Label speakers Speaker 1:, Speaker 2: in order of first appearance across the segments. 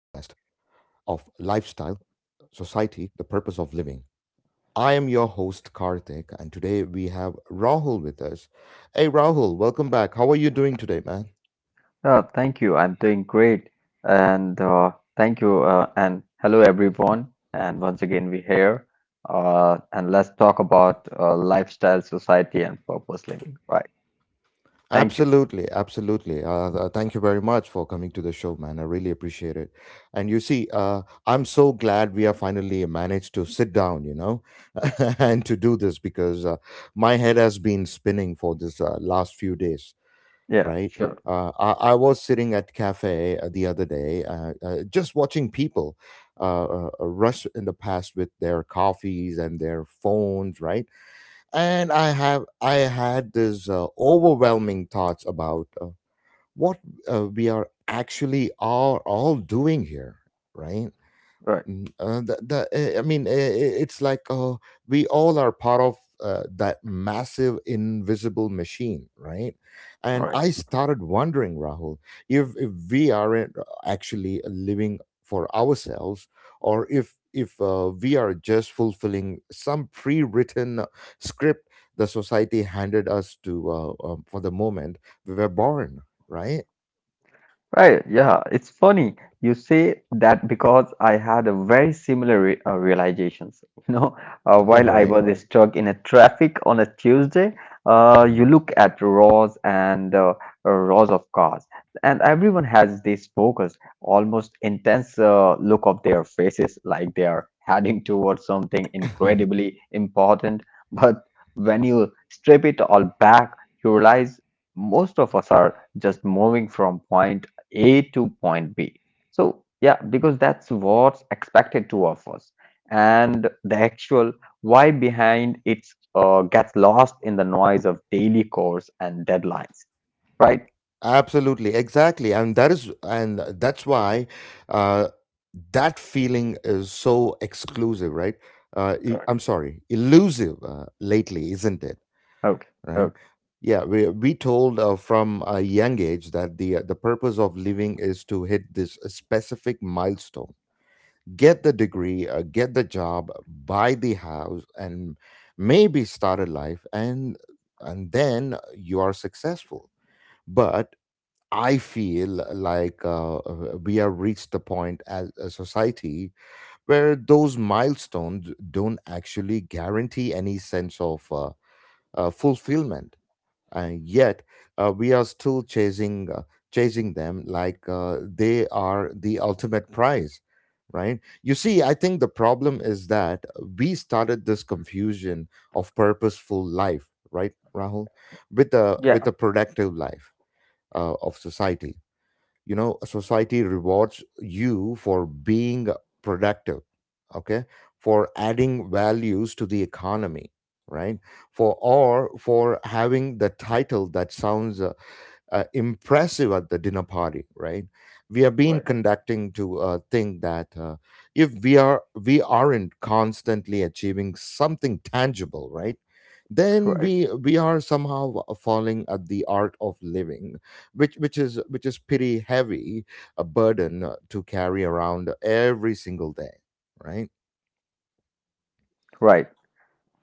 Speaker 1: of Lifestyle, Society, the Purpose of Living. I am your host, Karthik, and today we have Rahul with us. Hey, Rahul, welcome back. How are you doing today, man?
Speaker 2: Thank you. I'm doing great. And thank you. And hello, everyone. And once again, we're here. And let's talk about lifestyle, society, and purpose living. Right. Thank you.
Speaker 1: Absolutely, absolutely. Thank you very much for coming to the show, man. I really appreciate it. And you see, I'm so glad we have finally managed to sit down, you know, and to do this because my head has been spinning for this last few days,
Speaker 2: Yeah,
Speaker 1: right?
Speaker 2: sure, sure.
Speaker 1: I was sitting at cafe the other day, just watching people rush in the past with their coffees and their phones, right? And I had this overwhelming thoughts about what we are actually all doing here, right?
Speaker 2: Right.
Speaker 1: Mm, the, I mean, I- it's like we all are part of that massive invisible machine, right?
Speaker 2: All
Speaker 1: And
Speaker 2: right.
Speaker 1: I started wondering, Rahul, if we aren't actually living for ourselves, or if we are just fulfilling some pre-written script the society handed us to for the moment we were born, right?
Speaker 2: Right, yeah, it's funny you say that because I had a very similar re realizations. You know, while I
Speaker 1: Right.
Speaker 2: was stuck in a traffic on a Tuesday,
Speaker 1: Mhm.
Speaker 2: you look at rows and rows of cars, and everyone has this focused, almost intense look of their faces, like they are heading towards something incredibly important. But when you strip it all back, you realize most of us are just moving from point a to point B. So, yeah, because that's what's expected to of us. And the actual why behind it gets lost in the noise of daily chores and deadlines, right?
Speaker 1: Absolutely, exactly, and that's why uh, that feeling is so exclusive, right?
Speaker 2: Right.
Speaker 1: Am sorry, elusive lately, isn't it?
Speaker 2: Okay,
Speaker 1: Right?
Speaker 2: okay.
Speaker 1: Yeah, we told from a young age that the purpose of living is to hit this specific milestone, get the degree, get the job, buy the house, and maybe start a life, and then you are successful. But I feel like we have reached the point as a society where those milestones don't actually guarantee any sense of fulfillment, and yet we are still chasing them like they are the ultimate prize, right? You see, I think the problem is that we started this confusion of purposeful life, right, Rahul, with the
Speaker 2: Yeah,
Speaker 1: with the productive life of society. You know, society rewards you for being productive, okay, for adding values to the economy, right, for or for having the title that sounds impressive at the dinner party, right? We have
Speaker 2: right,
Speaker 1: been conducting to think that if we aren't constantly achieving something tangible, right? Then
Speaker 2: right,
Speaker 1: we are somehow falling at the art of living, which is pretty heavy a burden to carry around every single day, right?
Speaker 2: right.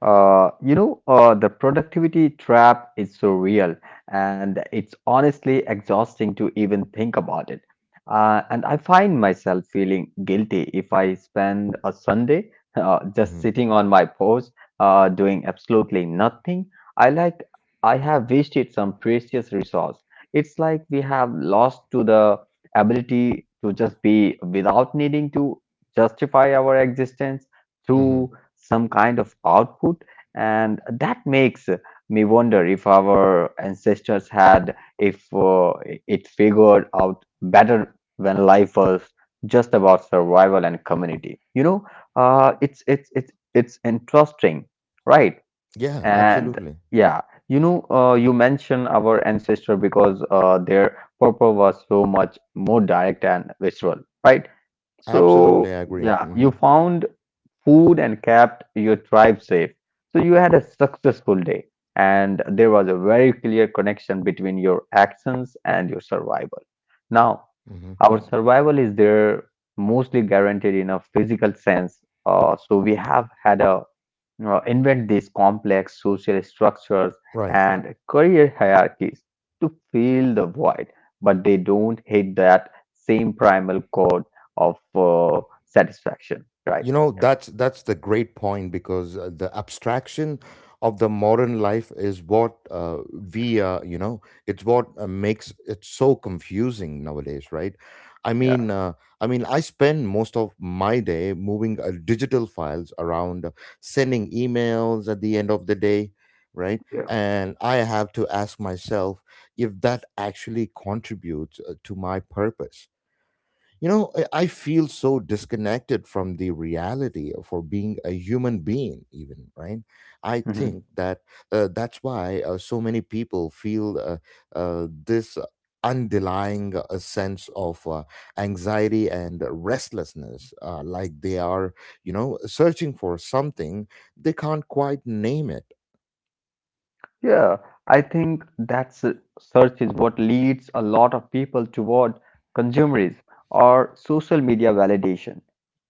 Speaker 2: The productivity trap is so real, and it's honestly exhausting to even think about it. And I find myself feeling guilty if I spend a Sunday just
Speaker 1: Mm-hmm.
Speaker 2: sitting on my porch, doing absolutely nothing. I like I have wasted some precious resource. It's like we have lost to the ability to just be without needing to justify our existence
Speaker 1: Mm-hmm.
Speaker 2: through some kind of output, and that makes me wonder if our ancestors had if it figured out better when life was just about survival and community. It's interesting, right?
Speaker 1: Yeah,
Speaker 2: And
Speaker 1: absolutely.
Speaker 2: yeah, you know, you mention our ancestor because their purpose was so much more direct and visual, right?
Speaker 1: Absolutely,
Speaker 2: So
Speaker 1: I agree.
Speaker 2: yeah,
Speaker 1: Mm-hmm.
Speaker 2: you found food and kept your tribe safe. So you had a successful day, and there was a very clear connection between your actions and your survival. Now,
Speaker 1: Mm-hmm.
Speaker 2: our survival is there mostly guaranteed in a physical sense. So we have had a invent these complex social structures
Speaker 1: Right.
Speaker 2: and career hierarchies to fill the void, but they don't hit that same primal chord of satisfaction, right?
Speaker 1: You know, that's the great point because the abstraction of the modern life is what you know, it's what makes it so confusing nowadays, right? I
Speaker 2: Yeah.
Speaker 1: mean, uh, I mean, I spend most of my day moving digital files around, sending emails at the end of the day, right?
Speaker 2: Yeah.
Speaker 1: And I have to ask myself if that actually contributes to my purpose. I feel so disconnected from the reality for being a human being even, right? I think
Speaker 2: Hmm.
Speaker 1: that that's why so many people feel uh, this underlying sense of anxiety and restlessness, like they are, you know, searching for something they can't quite name it.
Speaker 2: Yeah, I think that search is what leads a lot of people toward consumerism or social media validation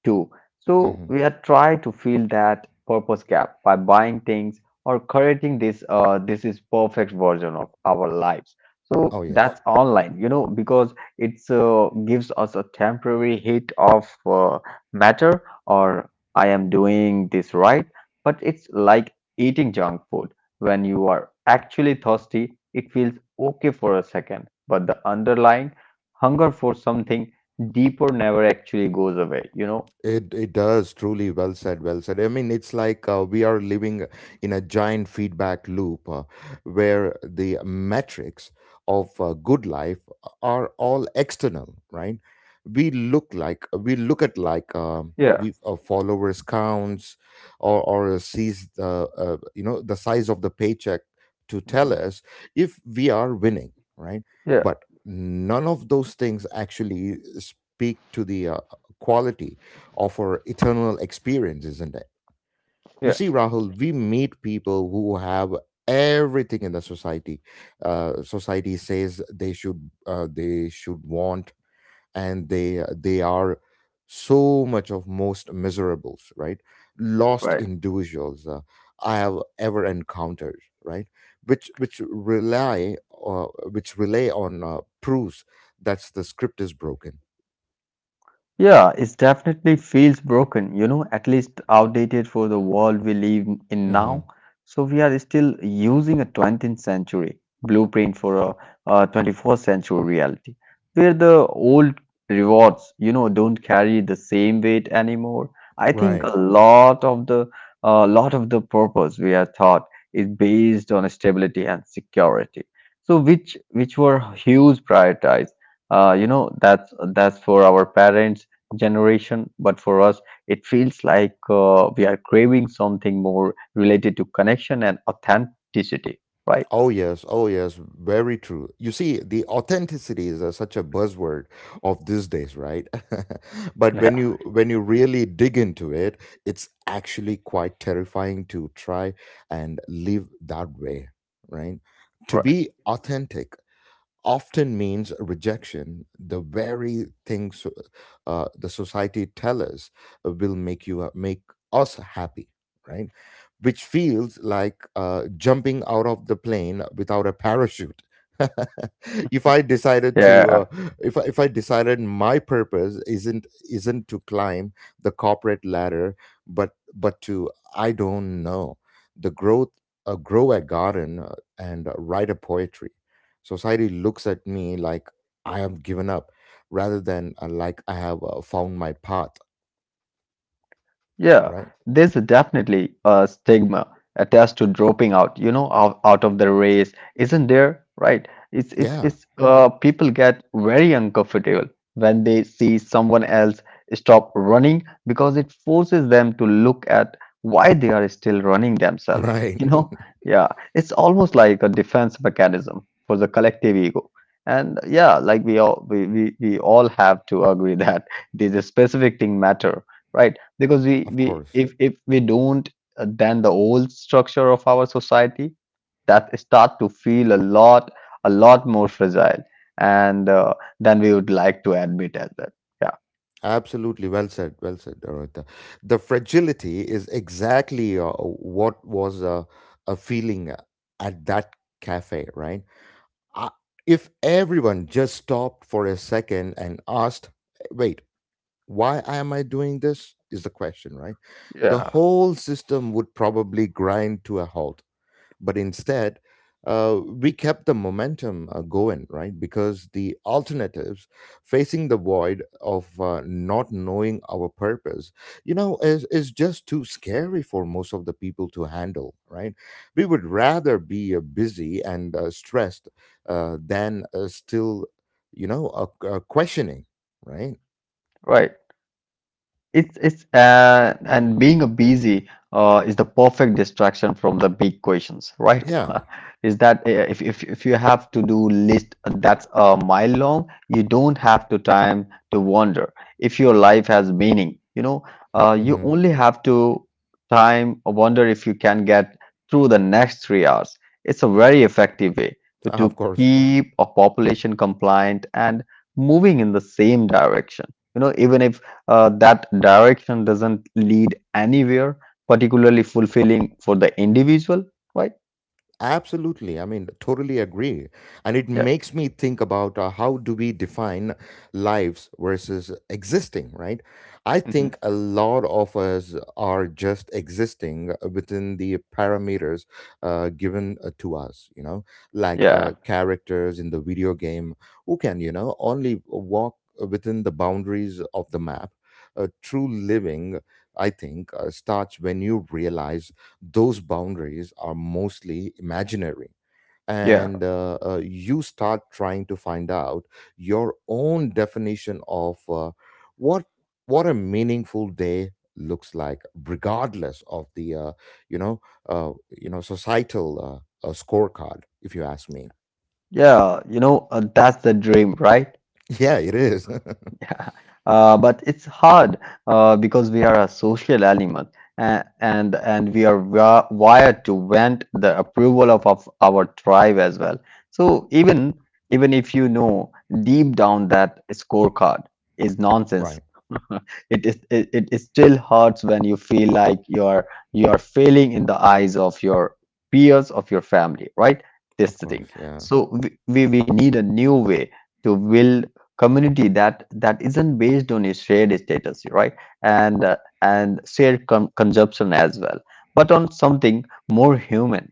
Speaker 2: too. So
Speaker 1: Hmm.
Speaker 2: we are trying to fill that purpose gap by buying things or creating this this is perfect version of our lives.
Speaker 1: Oh,
Speaker 2: So
Speaker 1: yes.
Speaker 2: that's online, you know, because it's gives us a temporary hit of matter or I am doing this right, but it's like eating junk food. When you are actually thirsty, it feels okay for a second, but the underlying hunger for something deeper never actually goes away, you know?
Speaker 1: It does, truly. Well said, well said. I mean, it's like we are living in a giant feedback loop where the metrics of good life are all external, right? We look at like
Speaker 2: Yeah.
Speaker 1: we followers counts or sees the you know the size of the paycheck to tell
Speaker 2: Mhm.
Speaker 1: us if we are winning, right?
Speaker 2: Yeah.
Speaker 1: But none of those things actually speak to the quality offer eternal experience, isn't it? You
Speaker 2: Yeah.
Speaker 1: see, Rahul, we meet people who have everything in the society. Society says they should want, and they are so much of most miserables, right? Lost
Speaker 2: Right.
Speaker 1: individuals I have ever encountered, right? Which which rely which rely on proofs that the script is broken.
Speaker 2: Yeah, it definitely feels broken, you know, at least outdated for the world we live in
Speaker 1: Hmm.
Speaker 2: now. So we are still using a 20th century blueprint for a 21st century reality, where the old rewards, you know, don't carry the same weight anymore. I think
Speaker 1: Right.
Speaker 2: a lot of the purpose we are taught is based on stability and security. So which were huge priorities, you know, that's for our parents generation, but for us it feels like we are craving something more related to connection and authenticity, right?
Speaker 1: Oh, yes. Oh, yes. Very true. You see, the authenticity is such a buzzword of these days, right? But when
Speaker 2: Yeah.
Speaker 1: you when you really dig into it, it's actually quite terrifying to try and live that way, right? To
Speaker 2: Right.
Speaker 1: be authentic often means rejection, the very things the society tell us will make you make us happy, right? Which feels like jumping out of the plane without a parachute. If I decided to, uh,
Speaker 2: Yeah.
Speaker 1: if I, if I decided my purpose isn't to climb the corporate ladder, but to, I don't know, the growth, grow a garden and write a poetry. Society looks at me like I have given up rather than like I have found my path,
Speaker 2: Yeah,
Speaker 1: right?
Speaker 2: there's definitely a stigma attached to dropping out, you know, out, out of the race, isn't there? Right? It's it's
Speaker 1: Yeah,
Speaker 2: it's mm. People get very uncomfortable when they see someone else stop running because it forces them to look at why they are still running themselves,
Speaker 1: right.
Speaker 2: you know? Yeah, it's almost like a defense mechanism for the collective ego. And yeah, like we all have to agree that these specific thing matter, right? Because we,
Speaker 1: Of
Speaker 2: we
Speaker 1: course.
Speaker 2: if we don't, then the old structure of our society that start to feel a lot more fragile and, than we would like to admit as well. Yeah.
Speaker 1: Absolutely. Well said. Well said, Dorita. The fragility is exactly what was a feeling at that cafe, right? I, if everyone just stopped for a second and asked, wait, why am I doing this? Is the question, right? The
Speaker 2: Yeah.
Speaker 1: whole system would probably grind to a halt. But instead we kept the momentum going, right, because the alternatives facing the void of not knowing our purpose, you know, is just too scary for most of the people to handle, right? We would rather be busy and stressed than still, you know, questioning, right?
Speaker 2: Right. It's and being a busy is the perfect distraction from the big questions, right?
Speaker 1: Yeah.
Speaker 2: Is that if you have to do list that's a mile long, you don't have to time to wonder if your life has meaning. You know, you
Speaker 1: Hmm.
Speaker 2: only have to time or wonder if you can get through the next 3 hours. It's a very effective way to
Speaker 1: Of course.
Speaker 2: keep a population compliant and moving in the same direction. You know, even if that direction doesn't lead anywhere particularly fulfilling for the individual, right?
Speaker 1: Absolutely. I mean, totally agree. And it
Speaker 2: Yeah.
Speaker 1: makes me think about how do we define lives versus existing, right? I
Speaker 2: Hmm.
Speaker 1: think a lot of us are just existing within the parameters given to us, you know, like
Speaker 2: Yeah.
Speaker 1: characters in the video game who can, you know, only walk within the boundaries of the map. True living, I think, starts when you realize those boundaries are mostly imaginary
Speaker 2: Yeah.
Speaker 1: and you start trying to find out your own definition of what what a meaningful day looks like regardless of the you know you know societal scorecard, if you ask me.
Speaker 2: Yeah, you know, that's the dream, right?
Speaker 1: Yeah, it is.
Speaker 2: Yeah, but it's hard, because we are a social animal, and we are wired to want the approval of our tribe as well. So even if you know deep down that scorecard is nonsense.
Speaker 1: Right.
Speaker 2: It is, it still hurts when you feel like you're failing in the eyes of your peers, of your family, right?
Speaker 1: Of
Speaker 2: This the
Speaker 1: course.
Speaker 2: thing.
Speaker 1: Yeah.
Speaker 2: So we need a new way to build community that isn't based on your shared status, right? And uh, and shared consumption as well, but on something more human,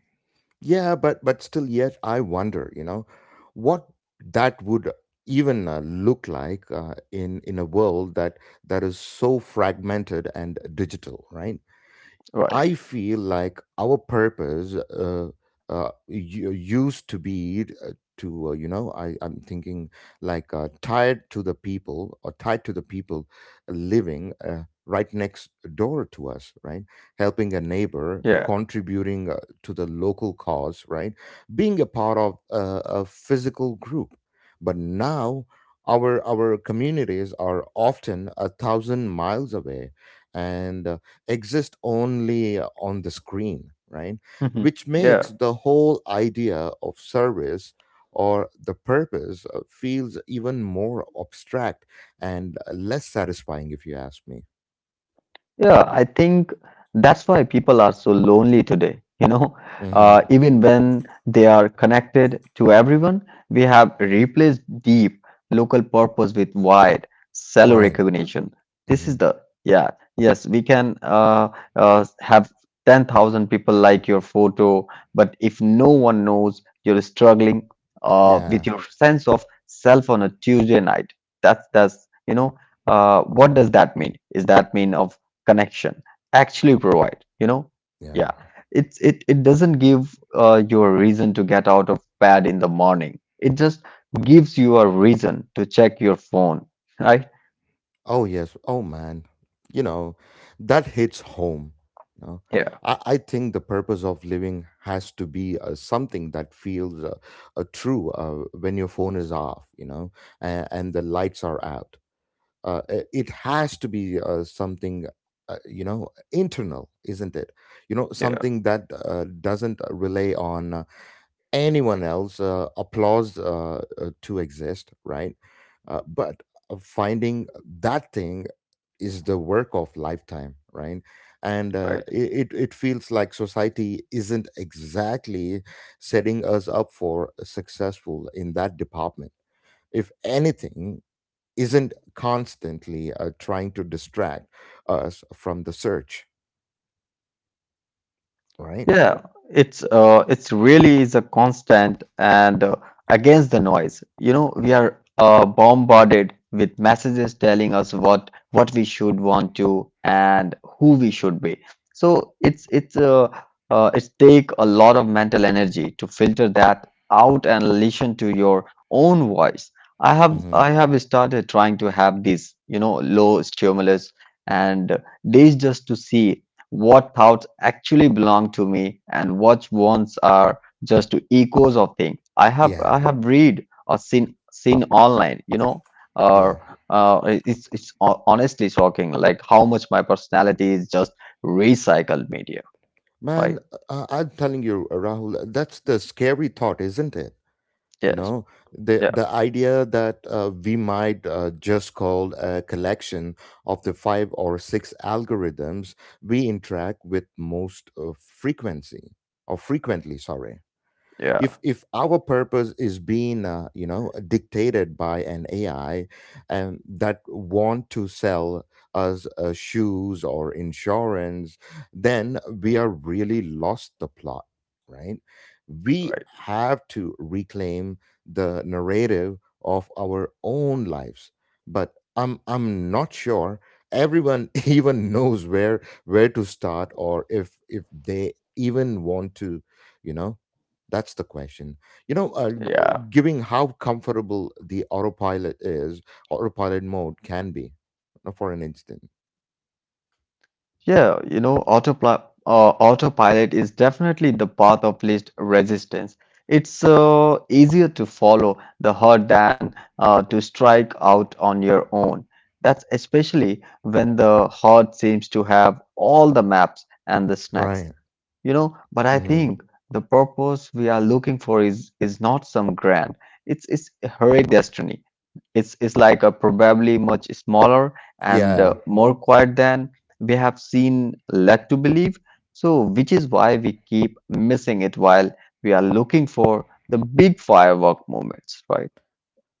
Speaker 1: Yeah, but still, yet I wonder, you know, what that would even look like in a world that that is so fragmented and digital, right?
Speaker 2: right?
Speaker 1: I feel like our purpose used to be to you know I'm thinking like tied to the people living right next door to us, right? Helping a neighbor,
Speaker 2: Yeah.
Speaker 1: contributing to the local cause, right? Being a part of a physical group, but now. Our communities are often a thousand miles away, and exist only on the screen, right? Which
Speaker 2: Mhm.
Speaker 1: makes the whole idea of service or the purpose feels even more abstract and less satisfying, if you ask me.
Speaker 2: Yeah, I think that's why people are so lonely today. You know,
Speaker 1: Hmm.
Speaker 2: even when they are connected to everyone, we have replaced deep local purpose with wide cellular
Speaker 1: Right.
Speaker 2: recognition. This
Speaker 1: Hmm.
Speaker 2: is the, yeah, yes, we can have 10,000 people like your photo, but if no one knows you're struggling, with
Speaker 1: Yeah.
Speaker 2: your sense of self on a Tuesday night, you know, what does that mean? Is that mean of connection actually provide, you know?
Speaker 1: Yeah.
Speaker 2: Yeah. It, it doesn't give you a reason to get out of bed in the morning, it just gives you a reason to check your phone, right?
Speaker 1: Oh yes. Oh man. You know, that hits home. You know,
Speaker 2: Yeah.
Speaker 1: I think the purpose of living has to be something that feels true when your phone is off. You know, and the lights are out. It has to be something. You know, internal, isn't it? You know,
Speaker 2: Yeah.
Speaker 1: something that doesn't rely on anyone else applause to exist, right? But finding that thing is the work of lifetime, right? And uh,
Speaker 2: Right.
Speaker 1: it, it it feels like society isn't exactly setting us up for successful in that department. If anything, isn't constantly trying to distract us from the search, right?
Speaker 2: Yeah, it's really is a constant and, against the noise. You know, we are bombarded with messages telling us what we should want to and who we should be. So it's take a lot of mental energy to filter that out and listen to your own voice.
Speaker 1: Hmm.
Speaker 2: I have started trying to have these, you know, low stimulus and days just to see what thoughts actually belong to me, and what ones are just echoes of things I
Speaker 1: Yeah,
Speaker 2: have read or seen online, you know.
Speaker 1: yeah.
Speaker 2: Or it's honestly shocking like how much my personality is just recycled media,
Speaker 1: Man,
Speaker 2: right?
Speaker 1: I'm telling you, Rahul, that's the scary thought, isn't it? You
Speaker 2: Yes.
Speaker 1: know, the
Speaker 2: Yeah.
Speaker 1: the idea that we might just call a collection of the five or six algorithms we interact with most frequency or frequently, sorry,
Speaker 2: Yeah.
Speaker 1: if our purpose is being you know dictated by an AI and that want to sell us shoes or insurance, then we are really lost the plot, right? We
Speaker 2: Right.
Speaker 1: have to reclaim the narrative of our own lives, but I'm not sure everyone even knows where to start or if they even want to, you know, that's the question. You know,
Speaker 2: Yeah.
Speaker 1: giving how comfortable the autopilot mode can be, for an instant.
Speaker 2: Yeah, you know, autopilot is definitely the path of least resistance. It's easier to follow the herd than, to strike out on your own. That's especially when the herd seems to have all the maps and the snacks,
Speaker 1: Right.
Speaker 2: you know. But I
Speaker 1: Hmm.
Speaker 2: think the purpose we are looking for is not some grand. It's heroic destiny. It's like a probably much smaller and,
Speaker 1: Yeah,
Speaker 2: more quiet than we have seen led to believe. So, which is why we keep missing it while we are looking for the big firework moments, right?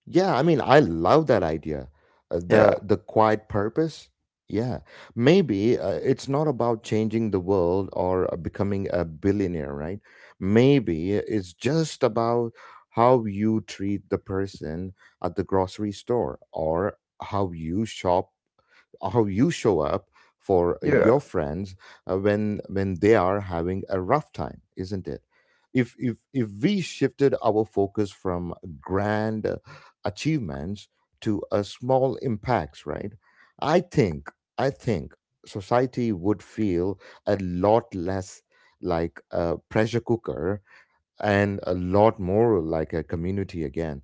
Speaker 1: yeah. I mean, I love that idea.
Speaker 2: Yeah,
Speaker 1: The quiet purpose. Yeah, maybe it's not about changing the world or becoming a billionaire, right? Maybe it's just about how you treat the person at the grocery store, or how you shop, how you show up for
Speaker 2: yeah.
Speaker 1: your friends when they are having a rough time, isn't it? If we shifted our focus from grand achievements to a small impacts, right? I think i think society would feel a lot less like a pressure cooker and a lot more like a community again.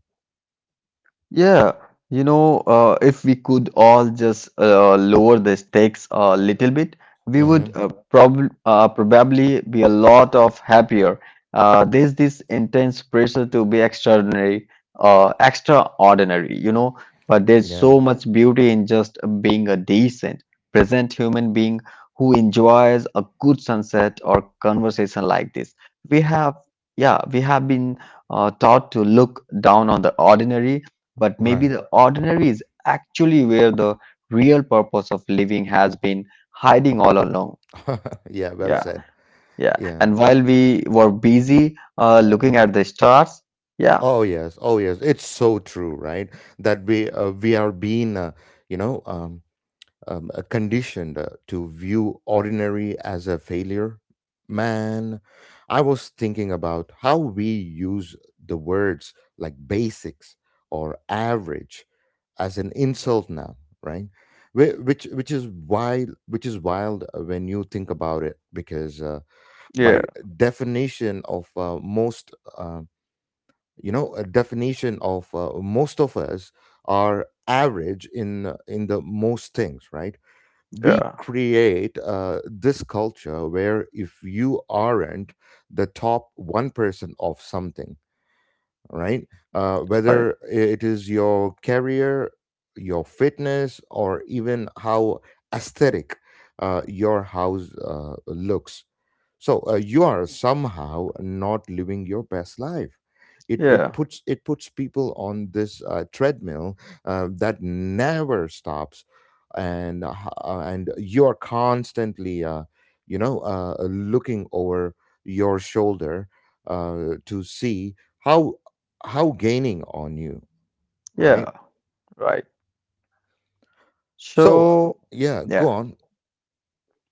Speaker 2: Yeah, you know, if we could all just lower the stakes a little bit, we would
Speaker 1: Hmm.
Speaker 2: probably be a lot of happier. There's this intense pressure to be extraordinary, you know, but there's
Speaker 1: Yeah.
Speaker 2: so much beauty in just being a decent, present human being who enjoys a good sunset or conversation like this. We have, yeah, we have been taught to look down on the ordinary, but maybe
Speaker 1: Right.
Speaker 2: the ordinary is actually where the real purpose of living has been hiding all along.
Speaker 1: Yeah, well
Speaker 2: Yeah,
Speaker 1: said.
Speaker 2: yeah.
Speaker 1: Yeah.
Speaker 2: And while we were busy looking at the stars, yeah,
Speaker 1: Oh yes, oh yes, it's so true, right? That we we are being, you know, um, conditioned to view ordinary as a failure. Man, I was thinking about how we use the words like basics or average as an insult now, right? Which is wild, which is wild when you think about it, because
Speaker 2: yeah,
Speaker 1: by definition of most. You know, a definition of most of us are average in the most things, right? We
Speaker 2: yeah,
Speaker 1: create this culture where if you aren't the top 1% of something, right?
Speaker 2: right,
Speaker 1: Whether it is your career, your fitness, or even how aesthetic your house looks. So you are somehow not living your best life. It
Speaker 2: yeah,
Speaker 1: puts it puts people on this treadmill that never stops, and uh, and you are constantly looking over your shoulder to see how how gaining on you, right?
Speaker 2: yeah, right.
Speaker 1: So
Speaker 2: So,
Speaker 1: yeah, go
Speaker 2: yeah.
Speaker 1: on.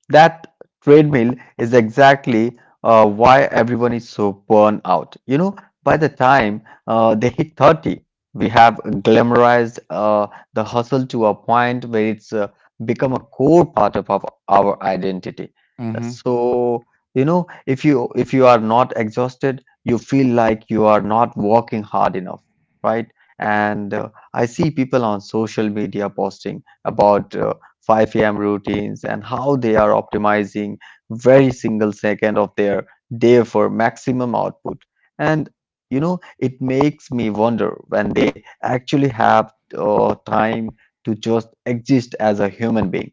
Speaker 2: That treadmill is exactly why everyone is so burned out. You know, by the time they hit 30, we have glamorized the hustle to a point where it's become a core part of our identity.
Speaker 1: Hmm.
Speaker 2: So, you know, if you are not exhausted, you feel like you are not working hard enough, right? And, I see people on social media posting about, 5 a.m. routines, and how they are optimizing every single second of their day for maximum output. And you know, it makes me wonder when they actually have time to just exist as a human being.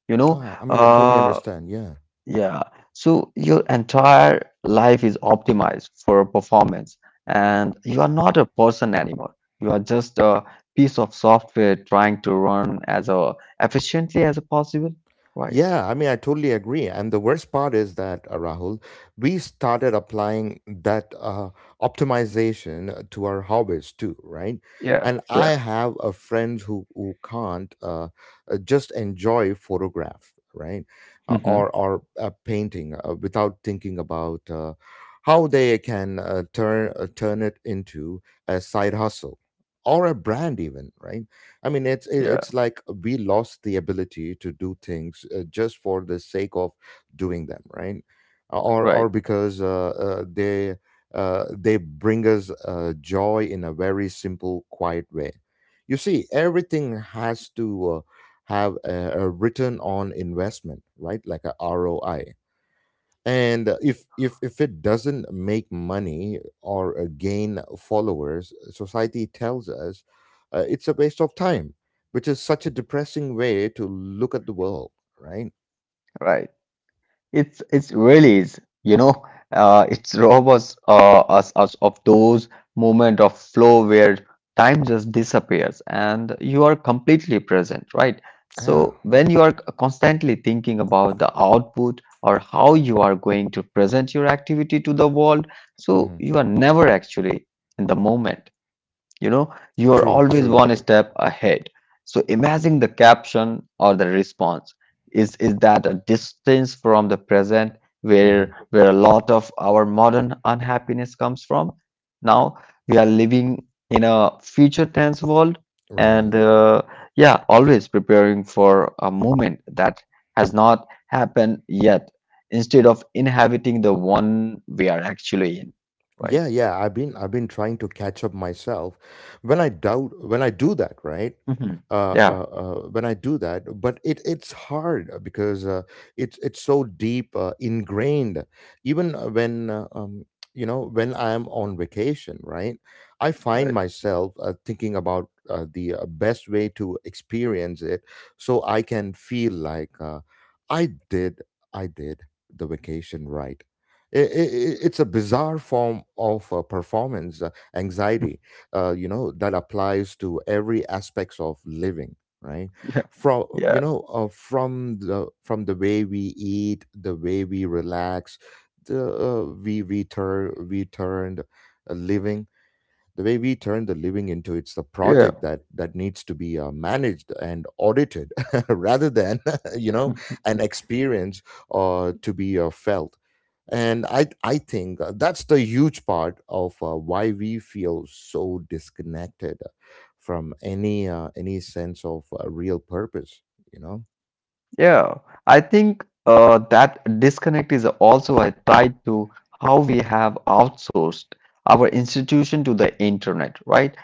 Speaker 2: You know.
Speaker 1: Ah, I
Speaker 2: Hmm.
Speaker 1: mean, I totally
Speaker 2: uh,
Speaker 1: understand. Yeah.
Speaker 2: yeah. So your entire life is optimized for performance, and you are not a person anymore. You are just a piece of software trying to run as efficiently as possible. Right.
Speaker 1: Yeah, I mean, I totally agree. And the worst part is that, Rahul, we started applying that optimization to our hobbies too, right?
Speaker 2: Yeah.
Speaker 1: And
Speaker 2: Yeah.
Speaker 1: I have a friend who can't just enjoy photograph, right? Uh,
Speaker 2: Hmm.
Speaker 1: or or uh, painting without thinking about how they can turn it into a side hustle or a brand even, right? I mean, it's it-
Speaker 2: Yeah.
Speaker 1: it's like we lost the ability to do things just for the sake of doing them, right? Or
Speaker 2: Right.
Speaker 1: or because uh, uh, they uh, they bring us joy in a very simple, quiet way. You see, everything has to have a return on investment, right? Like a ROI. And if it doesn't make money or gain followers, society tells us it's a waste of time, which is such a depressing way to look at the world, right?
Speaker 2: Right. It's really is, it's rob us, us of those moment of flow where time just disappears and you are completely present, right?
Speaker 1: Ah.
Speaker 2: So when you are constantly thinking about the output or how you are going to present your activity to the world, so
Speaker 1: Mhm.
Speaker 2: you are never actually in the moment. You know, you are
Speaker 1: True,
Speaker 2: always
Speaker 1: true.
Speaker 2: one step ahead. So imagine the caption or the response is that a distance from the present
Speaker 1: Hmm.
Speaker 2: where a lot of our modern unhappiness comes from. Now we are living in a future tense world.
Speaker 1: Right.
Speaker 2: And yeah, always preparing for a moment that has not happened yet instead of inhabiting the one we are actually in, right?
Speaker 1: Yeah, yeah. I've been trying to catch up myself. When I doubt when I do that, right?
Speaker 2: Mhm. Yeah.
Speaker 1: When I do that, but it's hard because it's so deep ingrained. Even when when I am on vacation, right? I
Speaker 2: Right.
Speaker 1: find myself thinking about the best way to experience it, so I can feel like I did I did the vacation right. It's a bizarre form of performance anxiety, you know, that applies to every aspects of living, right? from
Speaker 2: Yeah.
Speaker 1: you know uh, from the from the way we eat, the way we relax, the we turn we turned living, the way we turn the living into it's the
Speaker 2: Yeah.
Speaker 1: project that needs to be managed and audited rather than you know an experience to be felt. And I think that's the huge part of why we feel so disconnected from any sense of real purpose, you know.
Speaker 2: Yeah, I think that disconnect is also a tied to how we have outsourced our institution to the internet, right?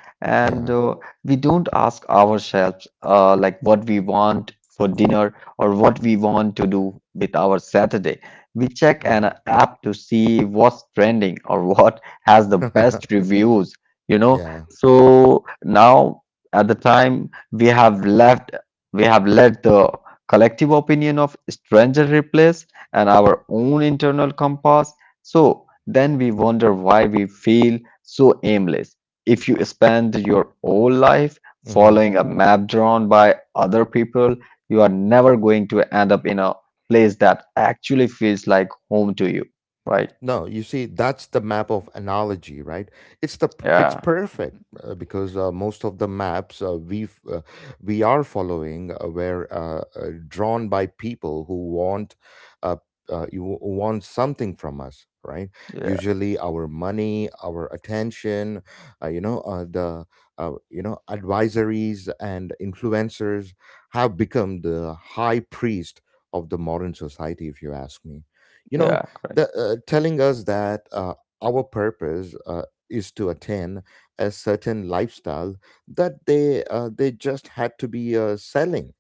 Speaker 1: Yeah.
Speaker 2: And we don't ask ourselves like what we want for dinner or what we want to do with our Saturday. We check
Speaker 1: Mm.
Speaker 2: an app to see what's trending or what has the best reviews, you know?
Speaker 1: Yeah.
Speaker 2: So now at the time we have left, we have let the collective opinion of stranger replace and our own internal compass. So then we wonder why we feel so aimless. If you spend your whole life
Speaker 1: Mhm.
Speaker 2: following a map drawn by other people, you are never going to end up in a place that actually feels like home to you, right?
Speaker 1: No, you see, that's the map of analogy, right? It's
Speaker 2: Yeah.
Speaker 1: perfect because most of the maps we are following were drawn by people who want uh, you want something from us, right?
Speaker 2: Yeah.
Speaker 1: Usually, our money, our attention, uh, you know, uh, the you know, advisories and influencers have become the high priest of the modern society, if you ask me, you
Speaker 2: Yeah,
Speaker 1: know.
Speaker 2: correct.
Speaker 1: The, telling us that our purpose is to attain a certain lifestyle that they just had to be selling.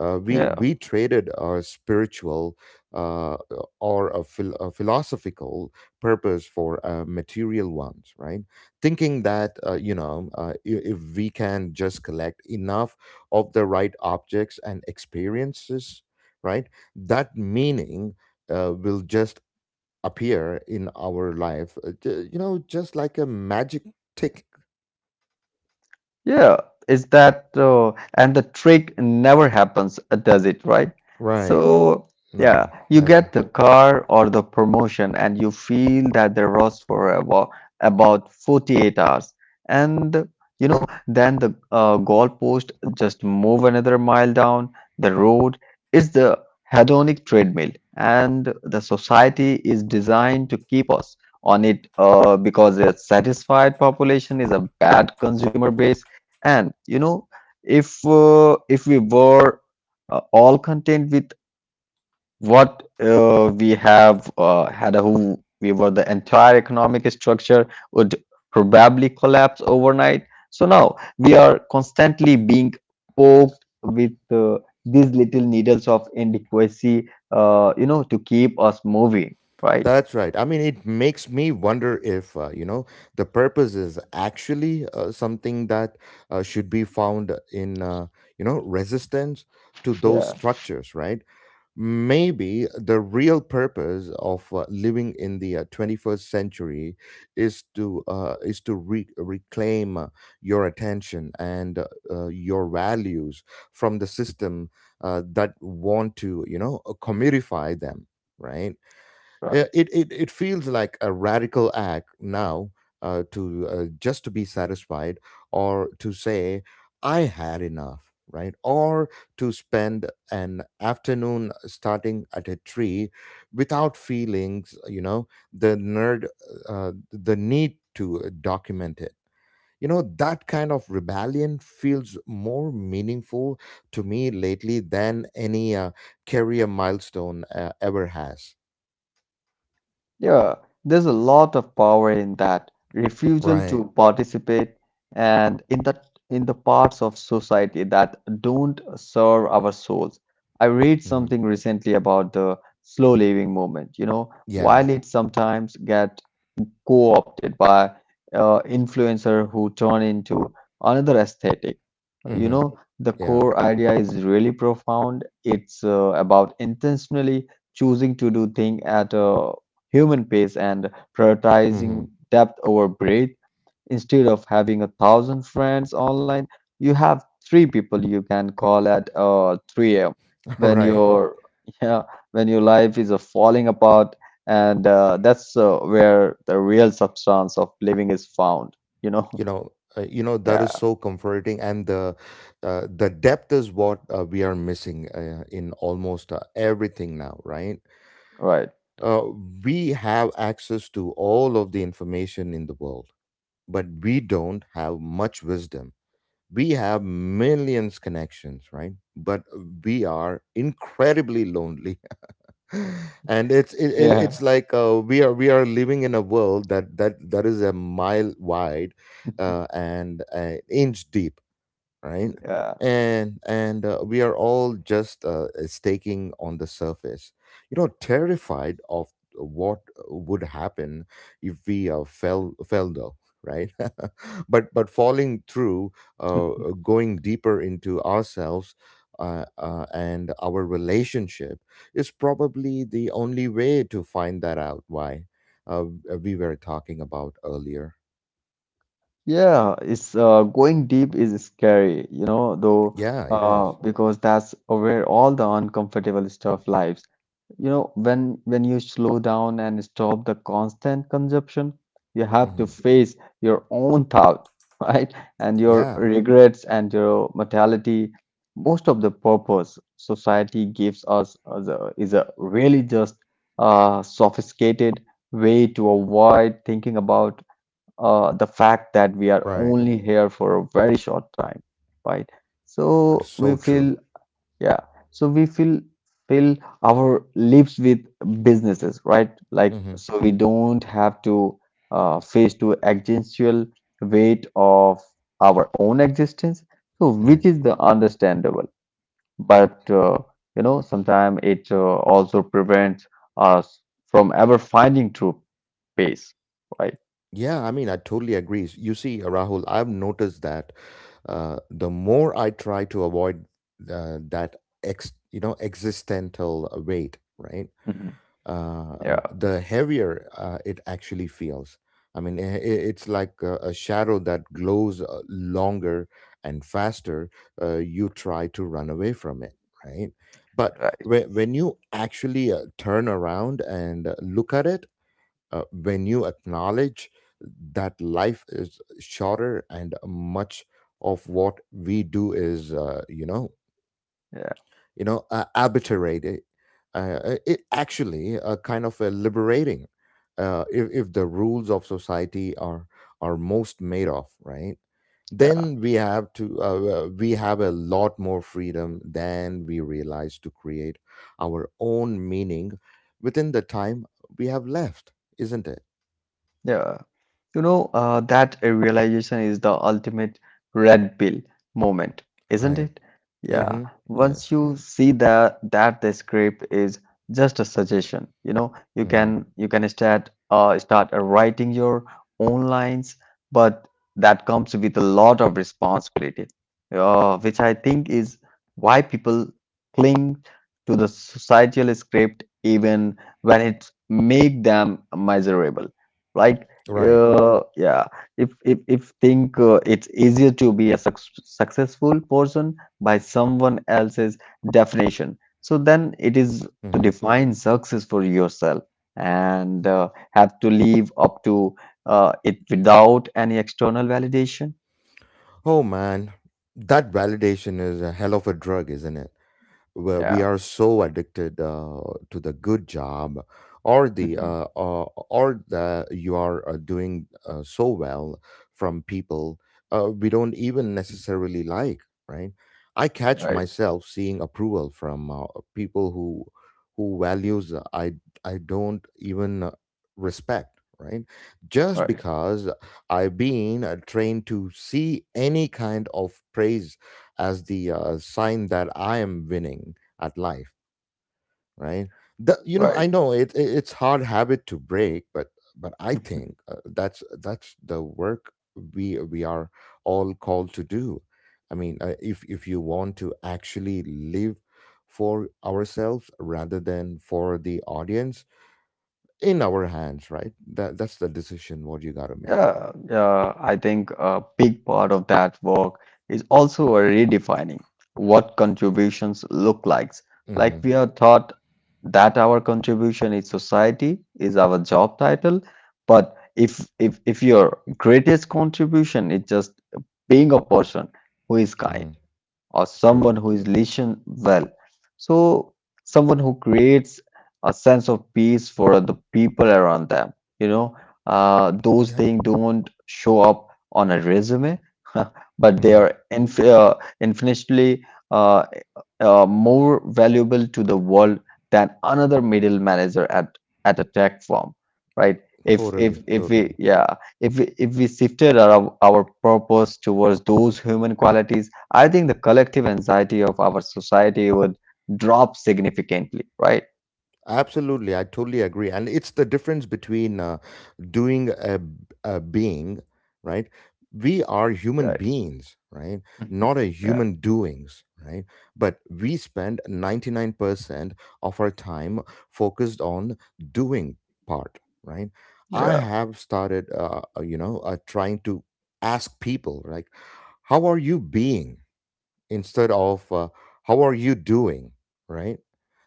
Speaker 1: Uh, we
Speaker 2: Yeah.
Speaker 1: we traded our spiritual uh, or a philosophical purpose for material ones, right? Thinking that if we can just collect enough of the right objects and experiences, right, that meaning will just appear in our life, just like a magic tick.
Speaker 2: Yeah, is that and the trick never happens, does it, right?
Speaker 1: Right.
Speaker 2: So,
Speaker 1: No,
Speaker 2: yeah, you
Speaker 1: never.
Speaker 2: get the car or the promotion and you feel that the rust for about 48 hours. And, then the goalpost just move another mile down the road. It's the hedonic treadmill, and the society is designed to keep us on it because a satisfied population is a bad consumer base. And if if we were all content with what we have had, a who we were, the entire economic structure would probably collapse overnight. So now we are constantly being poked with these little needles of inadequacy, to keep us moving, right?
Speaker 1: That's right. I mean, it makes me wonder if, you know, the purpose is actually something that should be found in, you know, resistance to those
Speaker 2: Yeah,
Speaker 1: structures, right? Maybe the real purpose of living in the 21st century is to reclaim your attention and your values from the system that want to, you know, commodify them, right? Yeah,
Speaker 2: right.
Speaker 1: it feels like a radical act now to just to be satisfied, or to say I had enough, right? Or to spend an afternoon starting at a tree without feelings, you know, the nerd the need to document it, you know. That kind of rebellion feels more meaningful to me lately than any career milestone ever has.
Speaker 2: Yeah, there's a lot of power in that refusal
Speaker 1: Right.
Speaker 2: to participate and in the parts of society that don't serve our souls. I read
Speaker 1: Mhm.
Speaker 2: something recently about the slow living movement, you know,
Speaker 1: Yeah.
Speaker 2: while it sometimes get co-opted by influencer who turn into another aesthetic. You
Speaker 1: Mm-hmm.
Speaker 2: know, the
Speaker 1: Yeah.
Speaker 2: core idea is really profound. It's about intentionally choosing to do things at a human pace and
Speaker 1: Mm-hmm.
Speaker 2: prioritizing depth over breadth. Instead of having a thousand friends online, you have three people you can call at 3 a.m.
Speaker 1: All
Speaker 2: when
Speaker 1: right.
Speaker 2: your yeah when your life is falling apart. And that's where the real substance of living is found, you know.
Speaker 1: You know, you know, that
Speaker 2: Yeah.
Speaker 1: is so comforting, and the depth is what we are missing in almost everything now, right?
Speaker 2: Right.
Speaker 1: Uh, we have access to all of the information in the world, but we don't have much wisdom. We have millions connections, right? But we are incredibly lonely. And it's it's
Speaker 2: Yeah.
Speaker 1: like we are living in a world that is a mile wide and an inch deep, right?
Speaker 2: Yeah.
Speaker 1: And we are all just staking on the surface, you know, terrified of what would happen if we fell though, right? But falling through, uh, going deeper into ourselves and our relationship is probably the only way to find that out why uh, we were talking about earlier.
Speaker 2: Yeah, it's going deep is scary, you know, though,
Speaker 1: Yeah, it is.
Speaker 2: because that's where all the uncomfortable stuff lives. You know, when you slow down and stop the constant consumption, you have to
Speaker 1: Mhm.
Speaker 2: face your own thought, right? And your
Speaker 1: Yeah.
Speaker 2: regrets and your mortality. Most of the purpose society gives us as is a really just sophisticated way to avoid thinking about the fact that we are
Speaker 1: Right.
Speaker 2: only here for a very short time, right?
Speaker 1: That is
Speaker 2: So
Speaker 1: so
Speaker 2: we
Speaker 1: true.
Speaker 2: feel, yeah, so we feel fill our lips with businesses, right? Like
Speaker 1: Hmm.
Speaker 2: so we don't have to face to existential weight of our own existence, so
Speaker 1: Right.
Speaker 2: which is the understandable. But sometimes it also prevents us from ever finding true peace, right?
Speaker 1: Yeah, I mean, I totally agree. You see, Rahul, I've noticed that the more I try to avoid that you know, existential weight, right?
Speaker 2: Mhm. Yeah.
Speaker 1: The heavier it actually feels. I mean, it's like a shadow that glows longer and faster. You try to run away from it, right? But
Speaker 2: Right.
Speaker 1: when you actually turn around and look at it, when you acknowledge that life is shorter and much of what we do is
Speaker 2: Yeah.
Speaker 1: arbitrary, it actually kind of liberating. If the rules of society are most made of, right, then
Speaker 2: Yeah.
Speaker 1: we have to we have a lot more freedom than we realize to create our own meaning within the time we have left, isn't it?
Speaker 2: Yeah. You know, that realization is the ultimate red pill moment, isn't
Speaker 1: Right.
Speaker 2: it? Yeah.
Speaker 1: Mm-hmm.
Speaker 2: Once
Speaker 1: Yes.
Speaker 2: you see that the script is just a suggestion, you know, you
Speaker 1: Mm-hmm.
Speaker 2: can you can start writing your own lines, but that comes with a lot of responsibility, which I think is why people cling to the societal script even when it make them miserable, right?
Speaker 1: Right.
Speaker 2: Yeah, if if think it's easier to be a successful person by someone else's definition, so then it is to
Speaker 1: Mm-hmm.
Speaker 2: define success for yourself and have to live up to it without any external validation.
Speaker 1: Oh man, that validation is a hell of a drug, isn't it? Where we
Speaker 2: Yeah.
Speaker 1: are so addicted to the good job
Speaker 2: Mhm.
Speaker 1: or the you are doing so well from people we don't even necessarily like, right? I catch
Speaker 2: Right.
Speaker 1: myself seeing approval from people who values I don't even respect, right? Just
Speaker 2: Right.
Speaker 1: because I've been trained to see any kind of praise as the sign that I am winning at life, right? The, you know, I
Speaker 2: Right.
Speaker 1: know it it's hard habit to break, but I think that's the work we are all called to do. I mean, if you want to actually live for ourselves rather than for the audience in our hands, right? That that's the decision what you got to make.
Speaker 2: Yeah, yeah, I think a big part of that work is also a redefining what contributions look like.
Speaker 1: Mm-hmm,
Speaker 2: Like we are taught that our contribution in society is our job title, but if your greatest contribution is just being a person who is
Speaker 1: mm-hmm.
Speaker 2: kind, or
Speaker 1: True.
Speaker 2: someone who is listen well. So someone who creates a sense of peace for the people around them. You know, those
Speaker 1: Yeah.
Speaker 2: things don't show up on a resume, but they
Speaker 1: Mhm.
Speaker 2: are infinitely uh, more valuable to the world than another middle manager at a tech firm, right? If
Speaker 1: Totally.
Speaker 2: if if we
Speaker 1: Totally.
Speaker 2: yeah if we shifted our purpose towards those human qualities. I think the collective anxiety of our society would drop significantly, right?
Speaker 1: Absolutely, I totally agree. And it's the difference between doing a being, right? We are human
Speaker 2: Right.
Speaker 1: beings, right?
Speaker 2: Mhm.
Speaker 1: Not a
Speaker 2: Yeah.
Speaker 1: human doings, right? But we spend 99% of our time focused on doing part, right?
Speaker 2: Yeah.
Speaker 1: I have started, you know, trying to ask people, like, how are you being? Instead of how are you doing, right?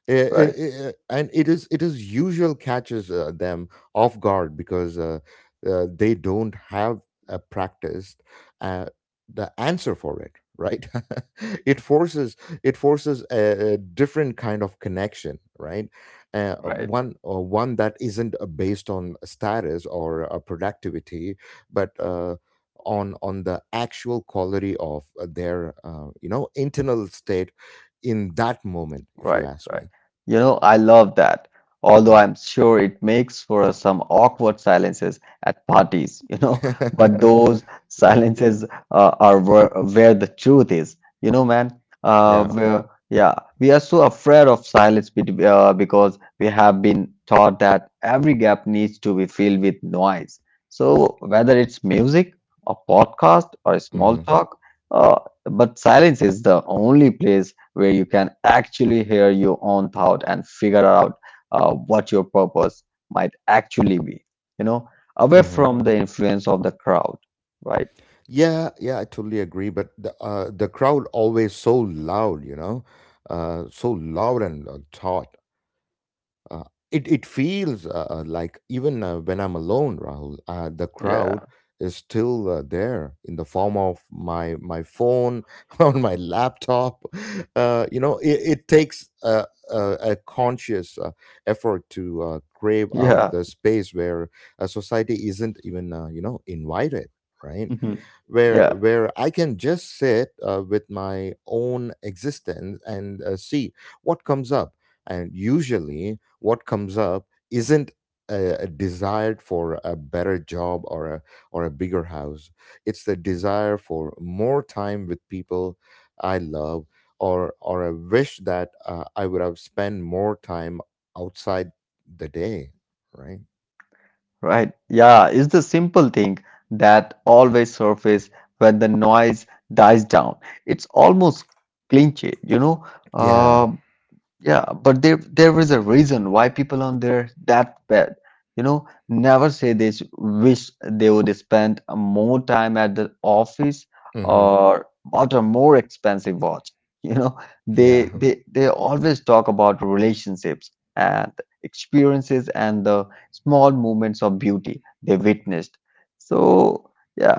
Speaker 1: I-
Speaker 2: Right.
Speaker 1: and it is usual catches them off guard because they don't have a practiced uh, the answer for it, right. It forces a different kind of connection, right?
Speaker 2: Right.
Speaker 1: One that isn't based on status or productivity, but on the actual quality of their you know internal state in that moment, if you
Speaker 2: Right,
Speaker 1: ask
Speaker 2: right.
Speaker 1: me.
Speaker 2: You know, I love that. Although
Speaker 1: Mm.
Speaker 2: I'm sure it makes for some awkward silences at parties, but those
Speaker 1: yeah
Speaker 2: silences are where the truth is, you know, man.
Speaker 1: yeah
Speaker 2: Yeah, we are so afraid of silence because we have been taught that every gap needs to be filled with noise. So whether it's music, a podcast, or a small
Speaker 1: hmm
Speaker 2: talk, uh, but silence is the only place where you can actually hear your own thought and figure out what your purpose might actually be you know away
Speaker 1: hmm
Speaker 2: from the influence of the crowd, right?
Speaker 1: yeah yeah I totally agree, but the crowd always so loud, you know. So loud and tall. Uh, it it feels like even when I'm alone, Rahul, the crowd
Speaker 2: Yeah.
Speaker 1: is still there in the form of my phone on my laptop. You know, it takes a, a conscious effort to crave out
Speaker 2: Yeah.
Speaker 1: the space where a society isn't even invited, right?
Speaker 2: Mhm.
Speaker 1: Where
Speaker 2: Yeah,
Speaker 1: I can just sit with my own existence and see what comes up. And usually what comes up isn't a desire for a better job or a bigger house. It's the desire for more time with people I love, or a wish that I would have spent more time outside the day, right?
Speaker 2: right. Yeah, it's the simple thing that always surface when the noise dies down. It's almost clinchy,
Speaker 1: yeah
Speaker 2: uh, Yeah, but there is a reason why people on their deathbed, never say wish they would spend more time at the office
Speaker 1: hmm
Speaker 2: or bought a more expensive watch. You know,
Speaker 1: yeah
Speaker 2: they always talk about relationships and experiences and the small moments of beauty they witnessed. So yeah,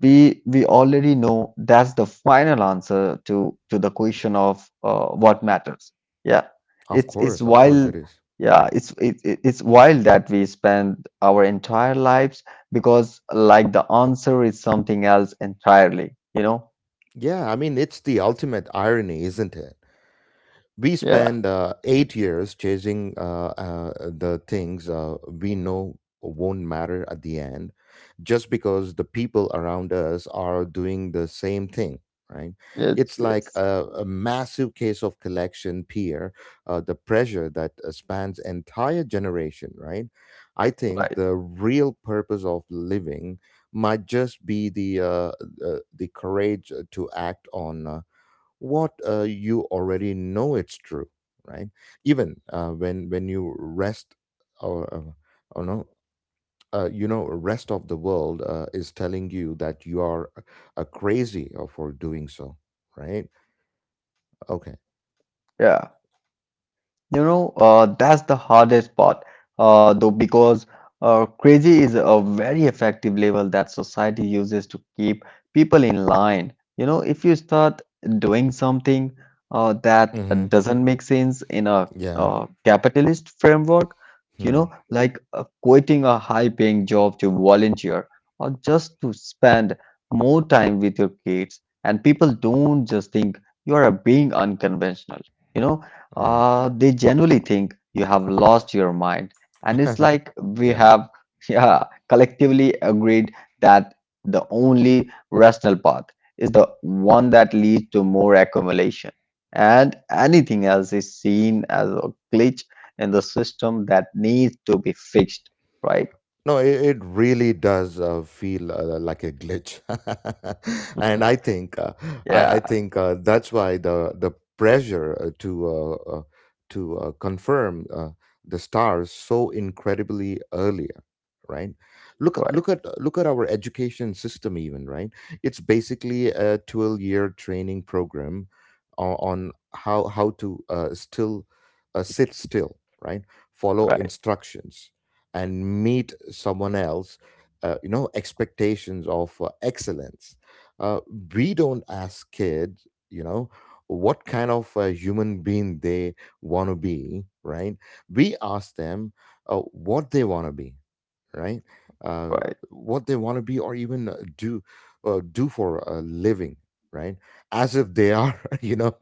Speaker 2: we already know that's the final answer to the question of what matters. Yeah,
Speaker 1: of
Speaker 2: it's
Speaker 1: course, of course it
Speaker 2: wild.
Speaker 1: is.
Speaker 2: Yeah, it's wild that we spend our entire lives because like the answer is something else entirely, you know?
Speaker 1: Yeah, I mean, it's the ultimate irony, isn't it? We
Speaker 2: Yeah,
Speaker 1: spend 8 years chasing the things we know won't matter at the end, just because the people around us are doing the same thing, right? It's
Speaker 2: yes,
Speaker 1: like
Speaker 2: yes,
Speaker 1: a massive case of collection peer, the pressure that spans entire generation, right? I think
Speaker 2: right.
Speaker 1: the real purpose of living might just be the courage to act on what you already know it's true, right? Even when you rest, or uh, or no you know, rest of the world is telling you that you are a crazy for doing so, right? Okay.
Speaker 2: Yeah. You know, that's the hardest part, though, because crazy is a very effective label that society uses to keep people in line. You know, if you start doing something that
Speaker 1: hmm
Speaker 2: doesn't make sense in a
Speaker 1: yeah
Speaker 2: capitalist framework, you
Speaker 1: hmm.
Speaker 2: know, like quitting a high-paying job to volunteer or just to spend more time with your kids, and people don't just think you are being unconventional. You know,
Speaker 1: All right.
Speaker 2: they genuinely think you have lost your mind. And it's like we
Speaker 1: Yeah.
Speaker 2: have yeah, collectively agreed that the only rational path is the one that leads to more accumulation. And anything else is seen as a glitch in the system that needs to be fixed, right?
Speaker 1: No, it really does feel like a glitch, and I think,
Speaker 2: Yeah,
Speaker 1: that's why the pressure to confirm the stars so incredibly earlier, right?
Speaker 2: right,
Speaker 1: Look at our education system, even, right? It's basically a 12 year training program on how to still sit still, right? Follow
Speaker 2: right,
Speaker 1: instructions and meet someone else expectations of excellence. uh, we don't ask kids, you know, what kind of human being they want to be, right? We ask them what they want to be, right? Uh,
Speaker 2: right.
Speaker 1: what they want to be or even do do for a living, right? As if they are, you know,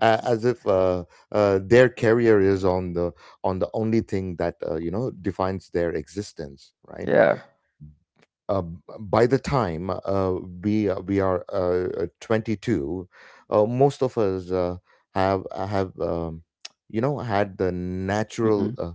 Speaker 1: a- as if their career is on the only thing that defines their existence, right?
Speaker 2: Yeah.
Speaker 1: By the time we are 22, most of us have you know, had the natural
Speaker 2: Hmm.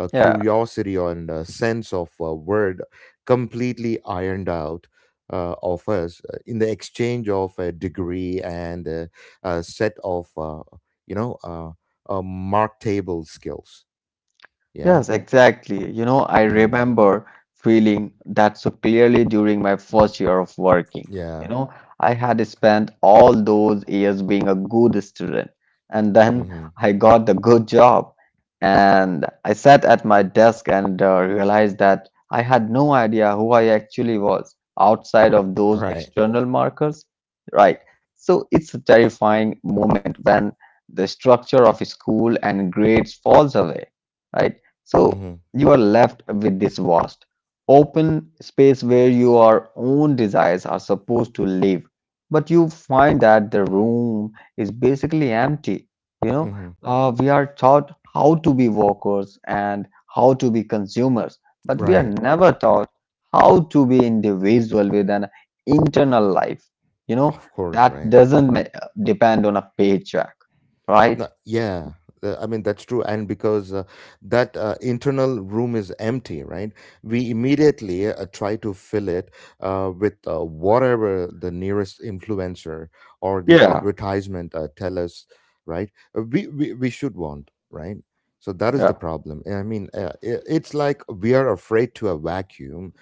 Speaker 2: Yeah.
Speaker 1: curiosity and sense of word completely ironed out of us in the exchange of a degree and a set of you know uh, mark table skills. yeah
Speaker 2: Yes, exactly. You know, I
Speaker 1: mm.
Speaker 2: remember feeling that so clearly during my first year of working.
Speaker 1: yeah
Speaker 2: You know, I had spent all those years being a good student, and then
Speaker 1: mm-hmm.
Speaker 2: I got the good job. And I sat at my desk and realized that I had no idea who I actually was outside of those
Speaker 1: right
Speaker 2: external markers. Right. So it's a terrifying moment when the structure of school and grades falls away, right? So
Speaker 1: mm-hmm.
Speaker 2: you are left with this vast, open space where your own desires are supposed to live. But you find that the room is basically empty. You know,
Speaker 1: Mm-hmm.
Speaker 2: we are taught how to be workers and how to be consumers, but we are
Speaker 1: Right.
Speaker 2: never taught how to be individual with an internal life. You know,
Speaker 1: Of course,
Speaker 2: that
Speaker 1: right.
Speaker 2: doesn't depend on a paycheck, right?
Speaker 1: No, yeah, I mean that's true, and because that internal room is empty, right? We immediately try to fill it with whatever the nearest influencer or the
Speaker 2: Yeah,
Speaker 1: advertisement tell us, right? We should want, right? So that is the
Speaker 2: yeah,
Speaker 1: problem. I mean, I it's like we are afraid to a vacuum,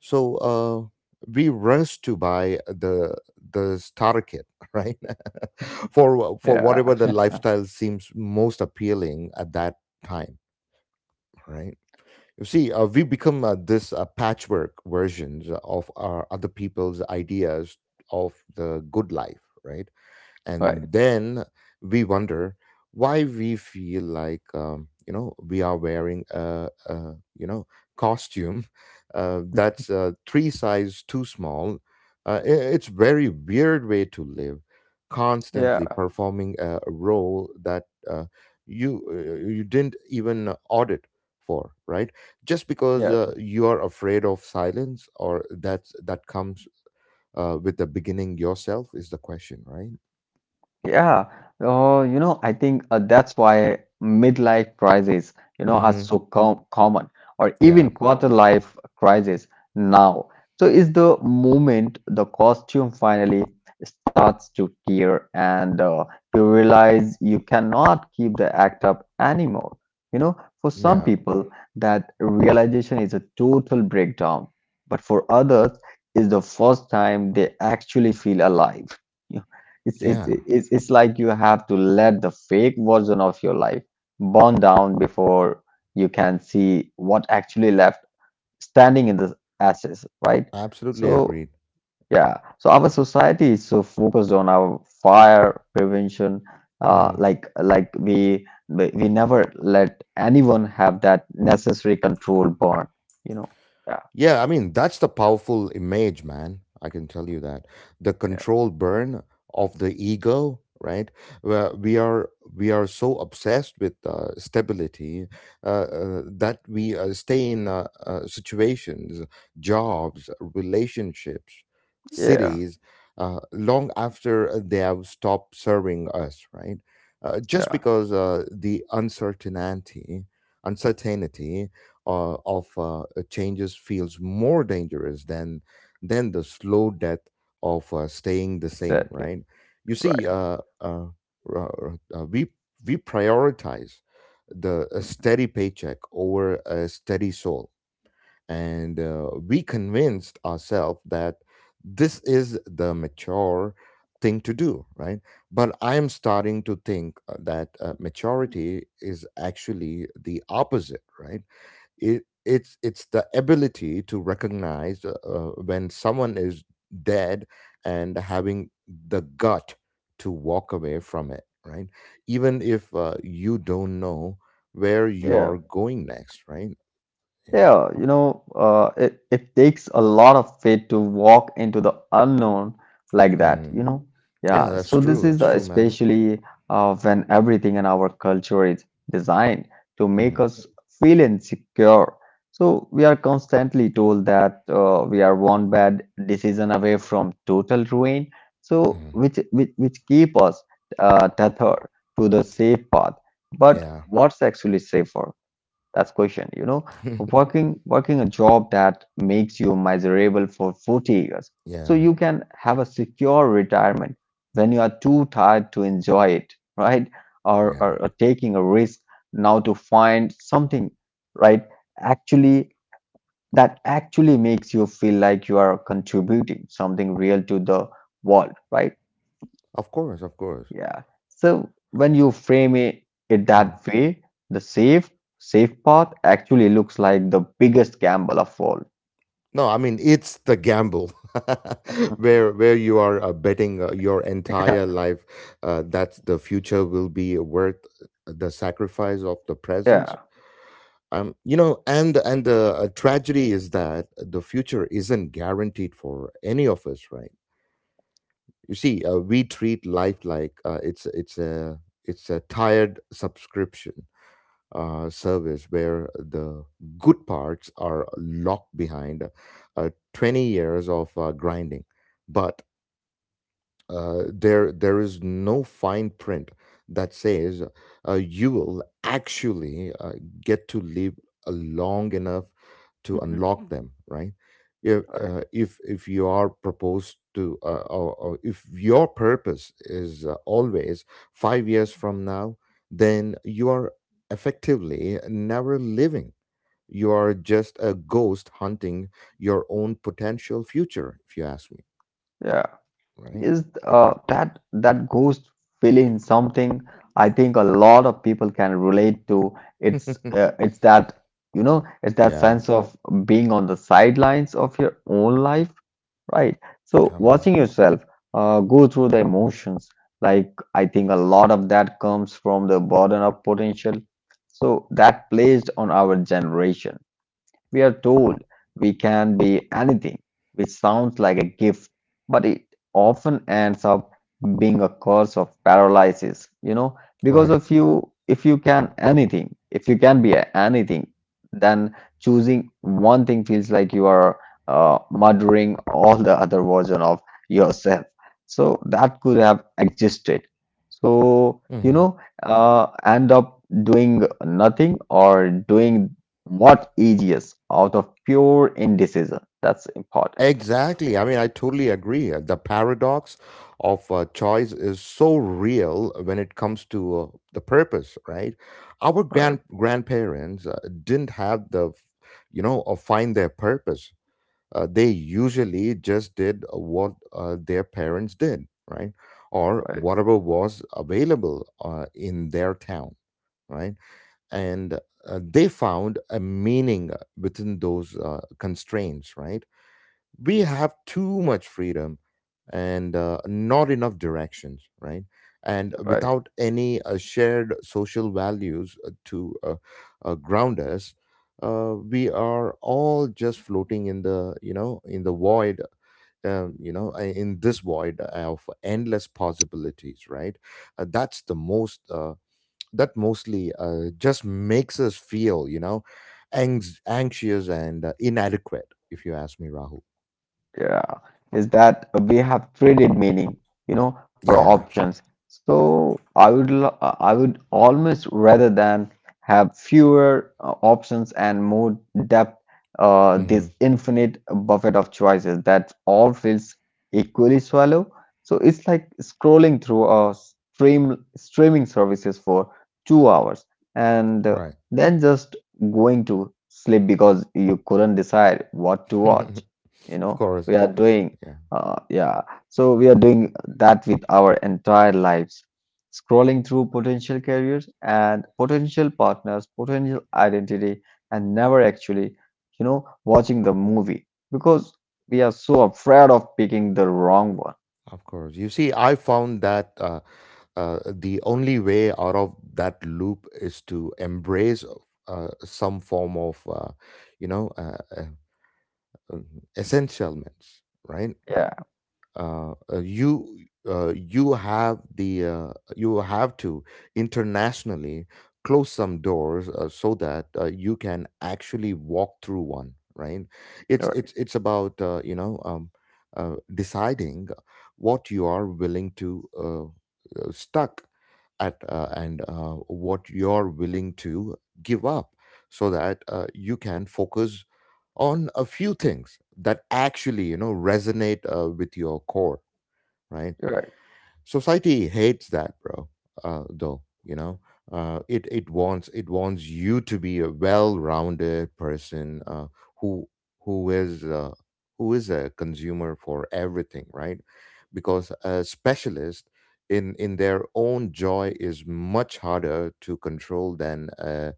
Speaker 1: so we rush to buy the starter kit, right? For
Speaker 2: yeah,
Speaker 1: whatever the lifestyle seems most appealing at that time, right? You see, we become this patchwork versions of our other people's ideas of the good life, right? And
Speaker 2: right.
Speaker 1: then we wonder why we feel like, you know, we are wearing a, a costume that's three size too small. uh, i- it's very weird way to live, constantly
Speaker 2: Yeah.
Speaker 1: performing a role that uh, you didn't even audit for, right? Just because
Speaker 2: Yeah,
Speaker 1: you are afraid of silence or that's that comes with the beginning yourself is the question, right?
Speaker 2: yeah. Oh, you know, I think that's why midlife crises, are
Speaker 1: hmm
Speaker 2: so common, or
Speaker 1: Yeah,
Speaker 2: even quarter life crises now. So is the moment the costume finally starts to tear and you realize you cannot keep the act up anymore. You know, for some
Speaker 1: yeah,
Speaker 2: people, that realization is a total breakdown, but for others, is the first time they actually feel alive. You know, It's,
Speaker 1: yeah.
Speaker 2: it's, it's, it's like you have to let the fake version of your life burn down before you can see what actually left standing in the ashes, right?
Speaker 1: Absolutely
Speaker 2: So,
Speaker 1: agreed.
Speaker 2: yeah, so our society is so focused on our fire prevention, uh,
Speaker 1: Mhm.
Speaker 2: like like we we we never let anyone have that necessary control burn, you know? Yeah,
Speaker 1: Yeah, I mean, that's the powerful image, man. I can tell you that. The
Speaker 2: yeah,
Speaker 1: control burn of the ego, right? Where we are, so obsessed with stability, that we stay in situations, jobs, relationships,
Speaker 2: yeah,
Speaker 1: cities long after they have stopped serving us, right? Just
Speaker 2: yeah,
Speaker 1: because uncertainty of changes feels more dangerous than the slow death of staying the same,
Speaker 2: exactly.
Speaker 1: right? You see,
Speaker 2: Right.
Speaker 1: r- uh, we we prioritize the a
Speaker 2: Hmm.
Speaker 1: steady paycheck over a steady soul, and we convinced ourselves that this is the mature thing to do, right? But I am starting to think that maturity is actually the opposite, right? It's the ability to recognize when someone is dead and having the gut to walk away from it, right? Even if you don't know where you
Speaker 2: Yeah,
Speaker 1: are going next, right? Yeah.
Speaker 2: yeah, it takes a lot of faith to walk into the unknown like that,
Speaker 1: Mm.
Speaker 2: you know.
Speaker 1: Yeah,
Speaker 2: Yeah,
Speaker 1: that's
Speaker 2: so
Speaker 1: true,
Speaker 2: this
Speaker 1: that's
Speaker 2: is
Speaker 1: true, man.
Speaker 2: especially when everything in our culture is designed to make
Speaker 1: Mhm.
Speaker 2: us feel insecure. So we are constantly told that we are one bad decision away from total ruin. So
Speaker 1: Mhm.
Speaker 2: which keep us tethered to the safe path. But
Speaker 1: Yeah.
Speaker 2: what's actually safer? That's question, you know, working a job that makes you miserable for 40 years so
Speaker 1: Yeah,
Speaker 2: you can have a secure retirement when you are too tired to enjoy it, right? Or,
Speaker 1: yeah,
Speaker 2: or, or taking a risk now to find something, right? Actually, that actually makes you feel like you are contributing something real to the world, right?
Speaker 1: of course, of course.
Speaker 2: Yeah. So when you frame it
Speaker 1: Mhm.
Speaker 2: that way, the safe path actually looks like the biggest gamble of all.
Speaker 1: No, I mean it's the gamble.
Speaker 2: Mhm.
Speaker 1: Where you are betting your entire life that the future will be worth the sacrifice of the
Speaker 2: Yeah.
Speaker 1: present. You know, and the tragedy is that the future isn't guaranteed for any of us, right? You see, we treat life like it's a tired subscription service where the good parts are locked behind 20 years of grinding. But there is no fine print that says you will actually get to live long enough to
Speaker 2: Mhm.
Speaker 1: unlock them, right? If
Speaker 2: Right.
Speaker 1: if you are proposed to, or if your purpose is always 5 years from now, then you are effectively never living. You are just a ghost hunting your own potential future, if you ask me,
Speaker 2: Yeah.
Speaker 1: right?
Speaker 2: Is that that ghost feeling something I think a lot of people can relate to. It's that, you know, it's that
Speaker 1: Yeah.
Speaker 2: sense of being on the sidelines of your own life, right? So
Speaker 1: Come on.
Speaker 2: watching yourself go through the emotions, like I think a lot of that comes from the burden of potential. So that placed on our generation, we are told we can be anything, which sounds like a gift, but it often ends up being a cause of paralysis, you know, because
Speaker 1: Right.
Speaker 2: if you can anything, if you can anything, then choosing one thing feels like you are murdering all the other version of yourself. So that could have existed. So,
Speaker 1: Hmm.
Speaker 2: end up doing nothing or doing what ages out of pure indecision. That's important.
Speaker 1: Exactly. I mean, I totally agree. The paradox of choice is so real when it comes to the purpose, right? Our grand
Speaker 2: Right,
Speaker 1: grandparents didn't have you know, or find their purpose. They usually just did what their parents did, right? Or
Speaker 2: right,
Speaker 1: whatever was available in their town, right? And they found a meaning within those constraints, right? We have too much freedom and not enough directions, right? And
Speaker 2: right.
Speaker 1: without any shared social values to ground us, we are all just floating in the, you know, in the void, you know, in this void of endless possibilities, right? uh, that's the most uh, that mostly just makes us feel, you know, anxious and inadequate, if you ask me, Rahul.
Speaker 2: Yeah, is that we have traded meaning, you know, for
Speaker 1: Yeah.
Speaker 2: options. So I would almost rather than have fewer options and more depth.
Speaker 1: Hmm.
Speaker 2: This infinite buffet of choices that all feels equally swallow. So it's like scrolling through a streaming services for 2 hours and
Speaker 1: Right.
Speaker 2: then just going to sleep because you couldn't decide what to watch, you
Speaker 1: Of
Speaker 2: know.
Speaker 1: course.
Speaker 2: We are doing
Speaker 1: Yeah.
Speaker 2: yeah, so we are doing that with our entire lives, scrolling through potential careers and potential partners potential identity and never actually, you know, watching the movie because we are so afraid of picking the wrong one.
Speaker 1: Of course. You see, I found that the only way out of that loop is to embrace some form of, you know, uh, uh, um, essentialness, right?
Speaker 2: Yeah,
Speaker 1: uh, uh, you you have the you have to internationally close some doors so that you can actually walk through one, right? It's
Speaker 2: you're right,
Speaker 1: about, you know, deciding what you are willing to stuck at, and what you're willing to give up so that you can focus on a few things that actually, you know, resonate with your core, right?
Speaker 2: you're right.
Speaker 1: Society hates that, bro, though, you know, it wants, you to be a well-rounded person who who is, a consumer for everything, right? Because a specialist in their own joy is much harder to control than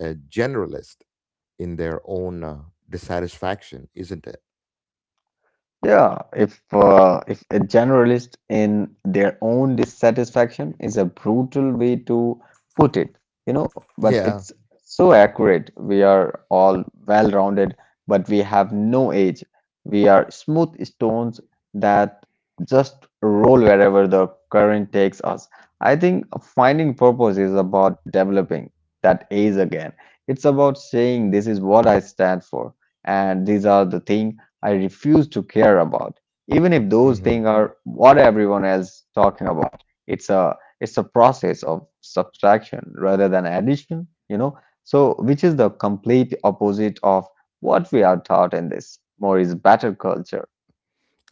Speaker 1: a generalist in their own dissatisfaction, isn't it?
Speaker 2: Yeah, if a generalist in their own dissatisfaction is a brutal way to put it, you know, but
Speaker 1: Yeah.
Speaker 2: it's so accurate. We are all well-rounded, but we have no age. We are smooth stones that just roll wherever the current takes us. I think finding purpose is about developing that age again. It's about saying this is what I stand for, and these are the things I refuse to care about, even if those
Speaker 1: Mm-hmm.
Speaker 2: things are what everyone is talking about. It's a process of subtraction rather than addition, you know. So, which is the complete opposite of what we are taught in this more is better culture.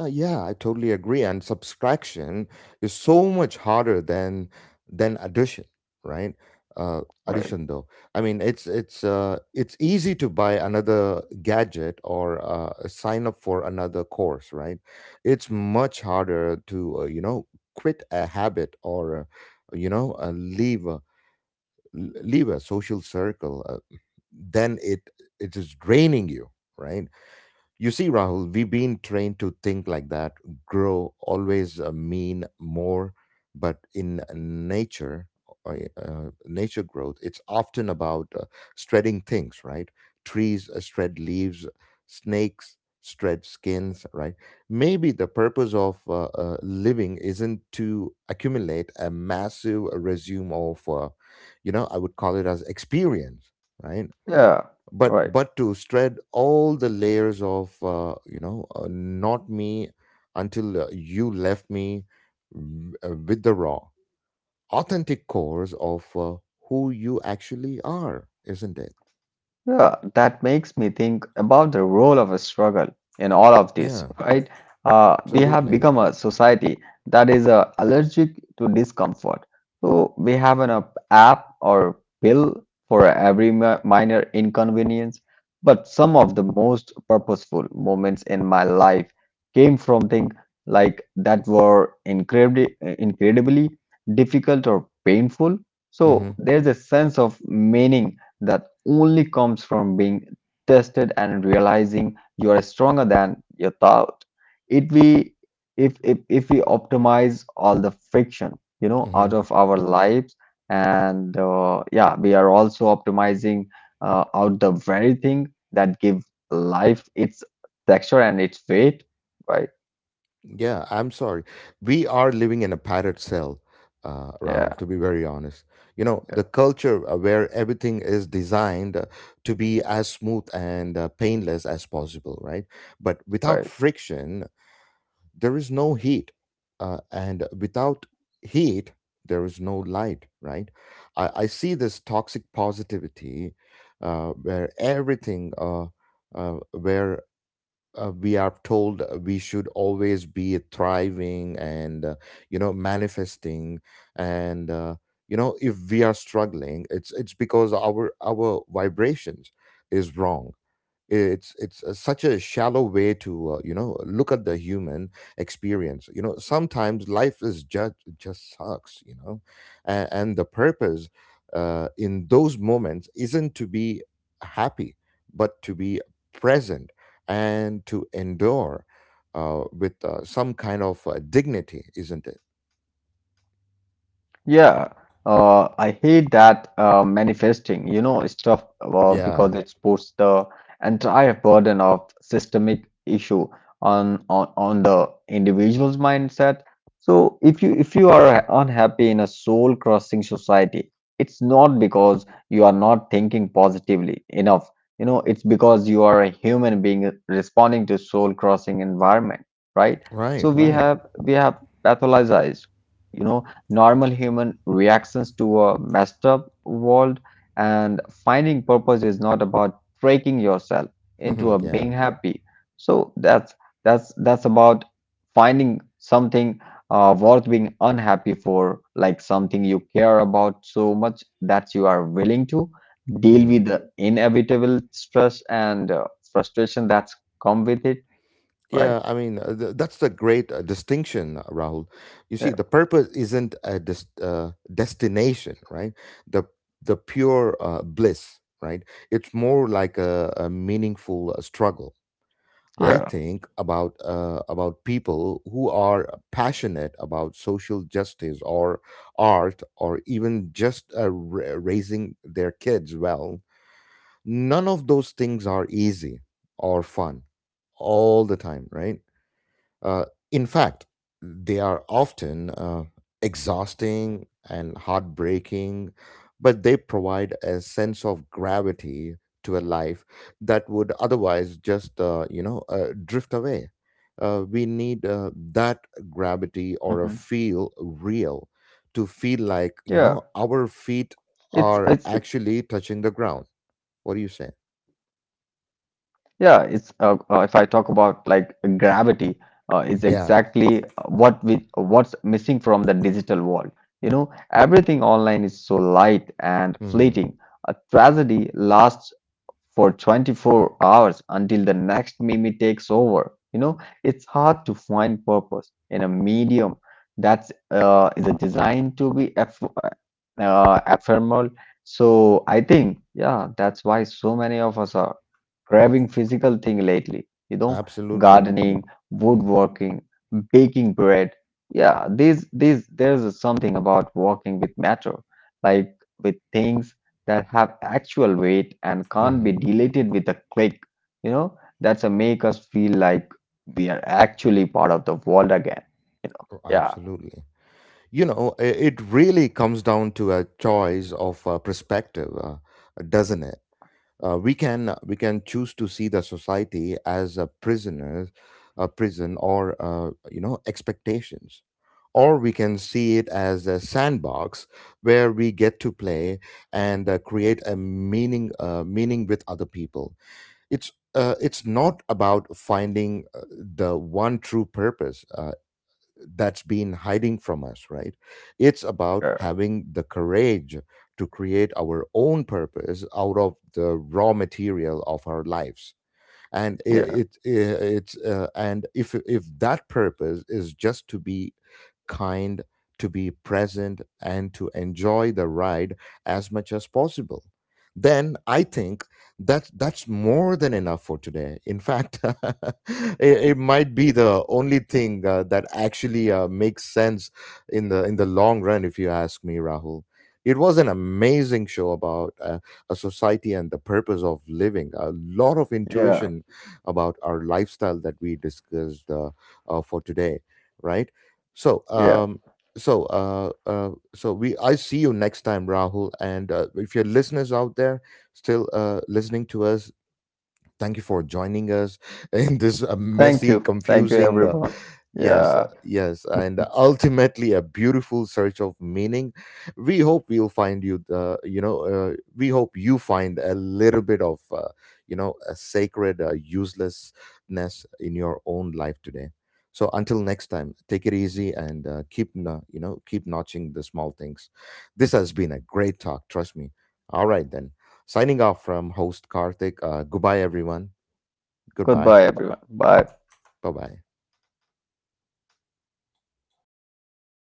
Speaker 1: Yeah, I totally agree. And subtraction is so much harder than addition, right? Uh,
Speaker 2: Right.
Speaker 1: addition, though. I mean, it's it's easy to buy another gadget or sign up for another course, right? It's much harder to, you know, quit a habit or, you know, leave a social circle than it is draining you, right? You see, Rahul, we've been trained to think like that. Grow always mean more, but in nature, uh, nature growth, it's often about shredding things, right? Trees shred leaves, snakes shred skins, right? Maybe the purpose of living isn't to accumulate a massive resume of, you know, I would call it as experience, right?
Speaker 2: Yeah.
Speaker 1: But
Speaker 2: Right.
Speaker 1: to spread all the layers of, you know, not me, until you left me with the raw authentic cores of who you actually are, isn't it?
Speaker 2: Yeah, that makes me think about the role of a struggle in all of this,
Speaker 1: Yeah,
Speaker 2: right? Uh, we have
Speaker 1: absolutely.
Speaker 2: become a society that is allergic to discomfort. So we have an app or pill for every minor inconvenience. But some of the most purposeful moments in my life came from things like that were incredibly, incredibly difficult or painful.
Speaker 1: Mm-hmm,
Speaker 2: So there's a sense of meaning that only comes from being tested and realizing you are stronger than you thought. It we If we optimize all the friction, you know,
Speaker 1: mm-hmm.
Speaker 2: out of our lives, and yeah, we are also optimizing out the very thing that give life its texture and its weight, right?
Speaker 1: Yeah, I'm sorry. We are living in a padded cell, Rahul, to
Speaker 2: Yeah,
Speaker 1: be very honest. The
Speaker 2: yeah,
Speaker 1: culture where everything is designed to be as smooth and painless as possible, right? But without
Speaker 2: right.
Speaker 1: friction, there is no heat. And without heat, there is no light, right? I see this toxic positivity where uh, where we are told we should always be thriving and manifesting and if we are struggling it's because our vibrations is wrong. It's such a shallow way to look at the human experience. Sometimes life is just sucks. And the purpose in those moments isn't to be happy, but to be present and to endure with some kind of dignity, isn't it?
Speaker 2: Yeah, I hate that manifesting, you know, stuff
Speaker 1: Yeah,
Speaker 2: because it puts the entire burden of systemic issue on the individual's mindset. So if you are unhappy in a soul-crushing society, it's not because you are not thinking positively enough. You know, it's because you are a human being responding to soul-crushing environment, right?
Speaker 1: right,
Speaker 2: So we
Speaker 1: right.
Speaker 2: have we have pathologized. You know, normal human reactions to a messed up world, and finding purpose is not about breaking yourself into a
Speaker 1: Yeah.
Speaker 2: being happy. So that's that's about finding something worth being unhappy for, like something you care about so much that you are willing to deal
Speaker 1: Mhm.
Speaker 2: with the inevitable stress and frustration that's come with it, right?
Speaker 1: Yeah, I mean, that's the great distinction, Rahul. You see,
Speaker 2: Yeah,
Speaker 1: the purpose isn't a destination, right? The the pure bliss, right? It's more like a meaningful struggle. I
Speaker 2: yeah.
Speaker 1: think about people who are passionate about social justice or art or even just raising their kids well. None of those things are easy or fun all the time, right? Uh, in fact, they are often exhausting and heartbreaking, but they provide a sense of gravity to a life that would otherwise just drift away. We need that gravity or a feel
Speaker 2: Mhm.
Speaker 1: real,
Speaker 2: Yeah.
Speaker 1: to feel like, you know, our
Speaker 2: It's
Speaker 1: feet are actually touching the ground. What do you say?
Speaker 2: Yeah, it's if I talk about like gravity, is
Speaker 1: Yeah.
Speaker 2: exactly what we what's missing from the digital world. You know, everything online is so light and
Speaker 1: Hmm.
Speaker 2: fleeting. A tragedy lasts for 24 hours until the next meme takes over. You know, it's hard to find purpose in a medium that's is designed to be eff ephemeral. So I think, yeah, that's why so many of us are craving physical thing lately, you know,
Speaker 1: Absolutely.
Speaker 2: gardening, woodworking, baking bread. Yeah, these there's something about working with matter, like with things that have actual weight and can't
Speaker 1: Mm-hmm.
Speaker 2: be deleted with a click, you know, that's a make us feel like we are actually part of the world again, you know. Yeah,
Speaker 1: Absolutely. You it really comes down to a choice of perspective, doesn't it? We can choose to see the society as a prisoner, a prison, or expectations, or we can see it as a sandbox where we get to play and create a meaning with other people. It's it's not about finding the one true purpose. That's been hiding from us, right? It's about
Speaker 2: yeah,
Speaker 1: having the courage to create our own purpose out of the raw material of our lives. and
Speaker 2: yeah,
Speaker 1: it, it, it's uh, and if that purpose is just to be kind, to be present, and to enjoy the ride as much as possible, then I think that that's more than enough for today. In fact, it might be the only thing that actually makes sense in the long run, if you ask me, Rahul. It was an amazing show about a society and the purpose of living, a lot of
Speaker 2: yeah,
Speaker 1: intuition about our lifestyle that we discussed for today, right? So,
Speaker 2: yeah.
Speaker 1: so, so we. I see you next time, Rahul. And if your listeners out there still listening to us, thank you for joining us in this
Speaker 2: Thank
Speaker 1: messy,
Speaker 2: you. Thank you
Speaker 1: confusing.
Speaker 2: everyone.
Speaker 1: Yes,
Speaker 2: Yeah.
Speaker 1: yes, and ultimately a beautiful search of meaning. We hope we'll find you, we hope you find a little bit of, a sacred uselessness in your own life today. So until next time, take it easy and keep, keep notching the small things. This has been a great talk, trust me. All right then, signing off from host Karthik. Goodbye, everyone. Goodbye.
Speaker 2: Goodbye everyone. Bye.
Speaker 1: Bye bye.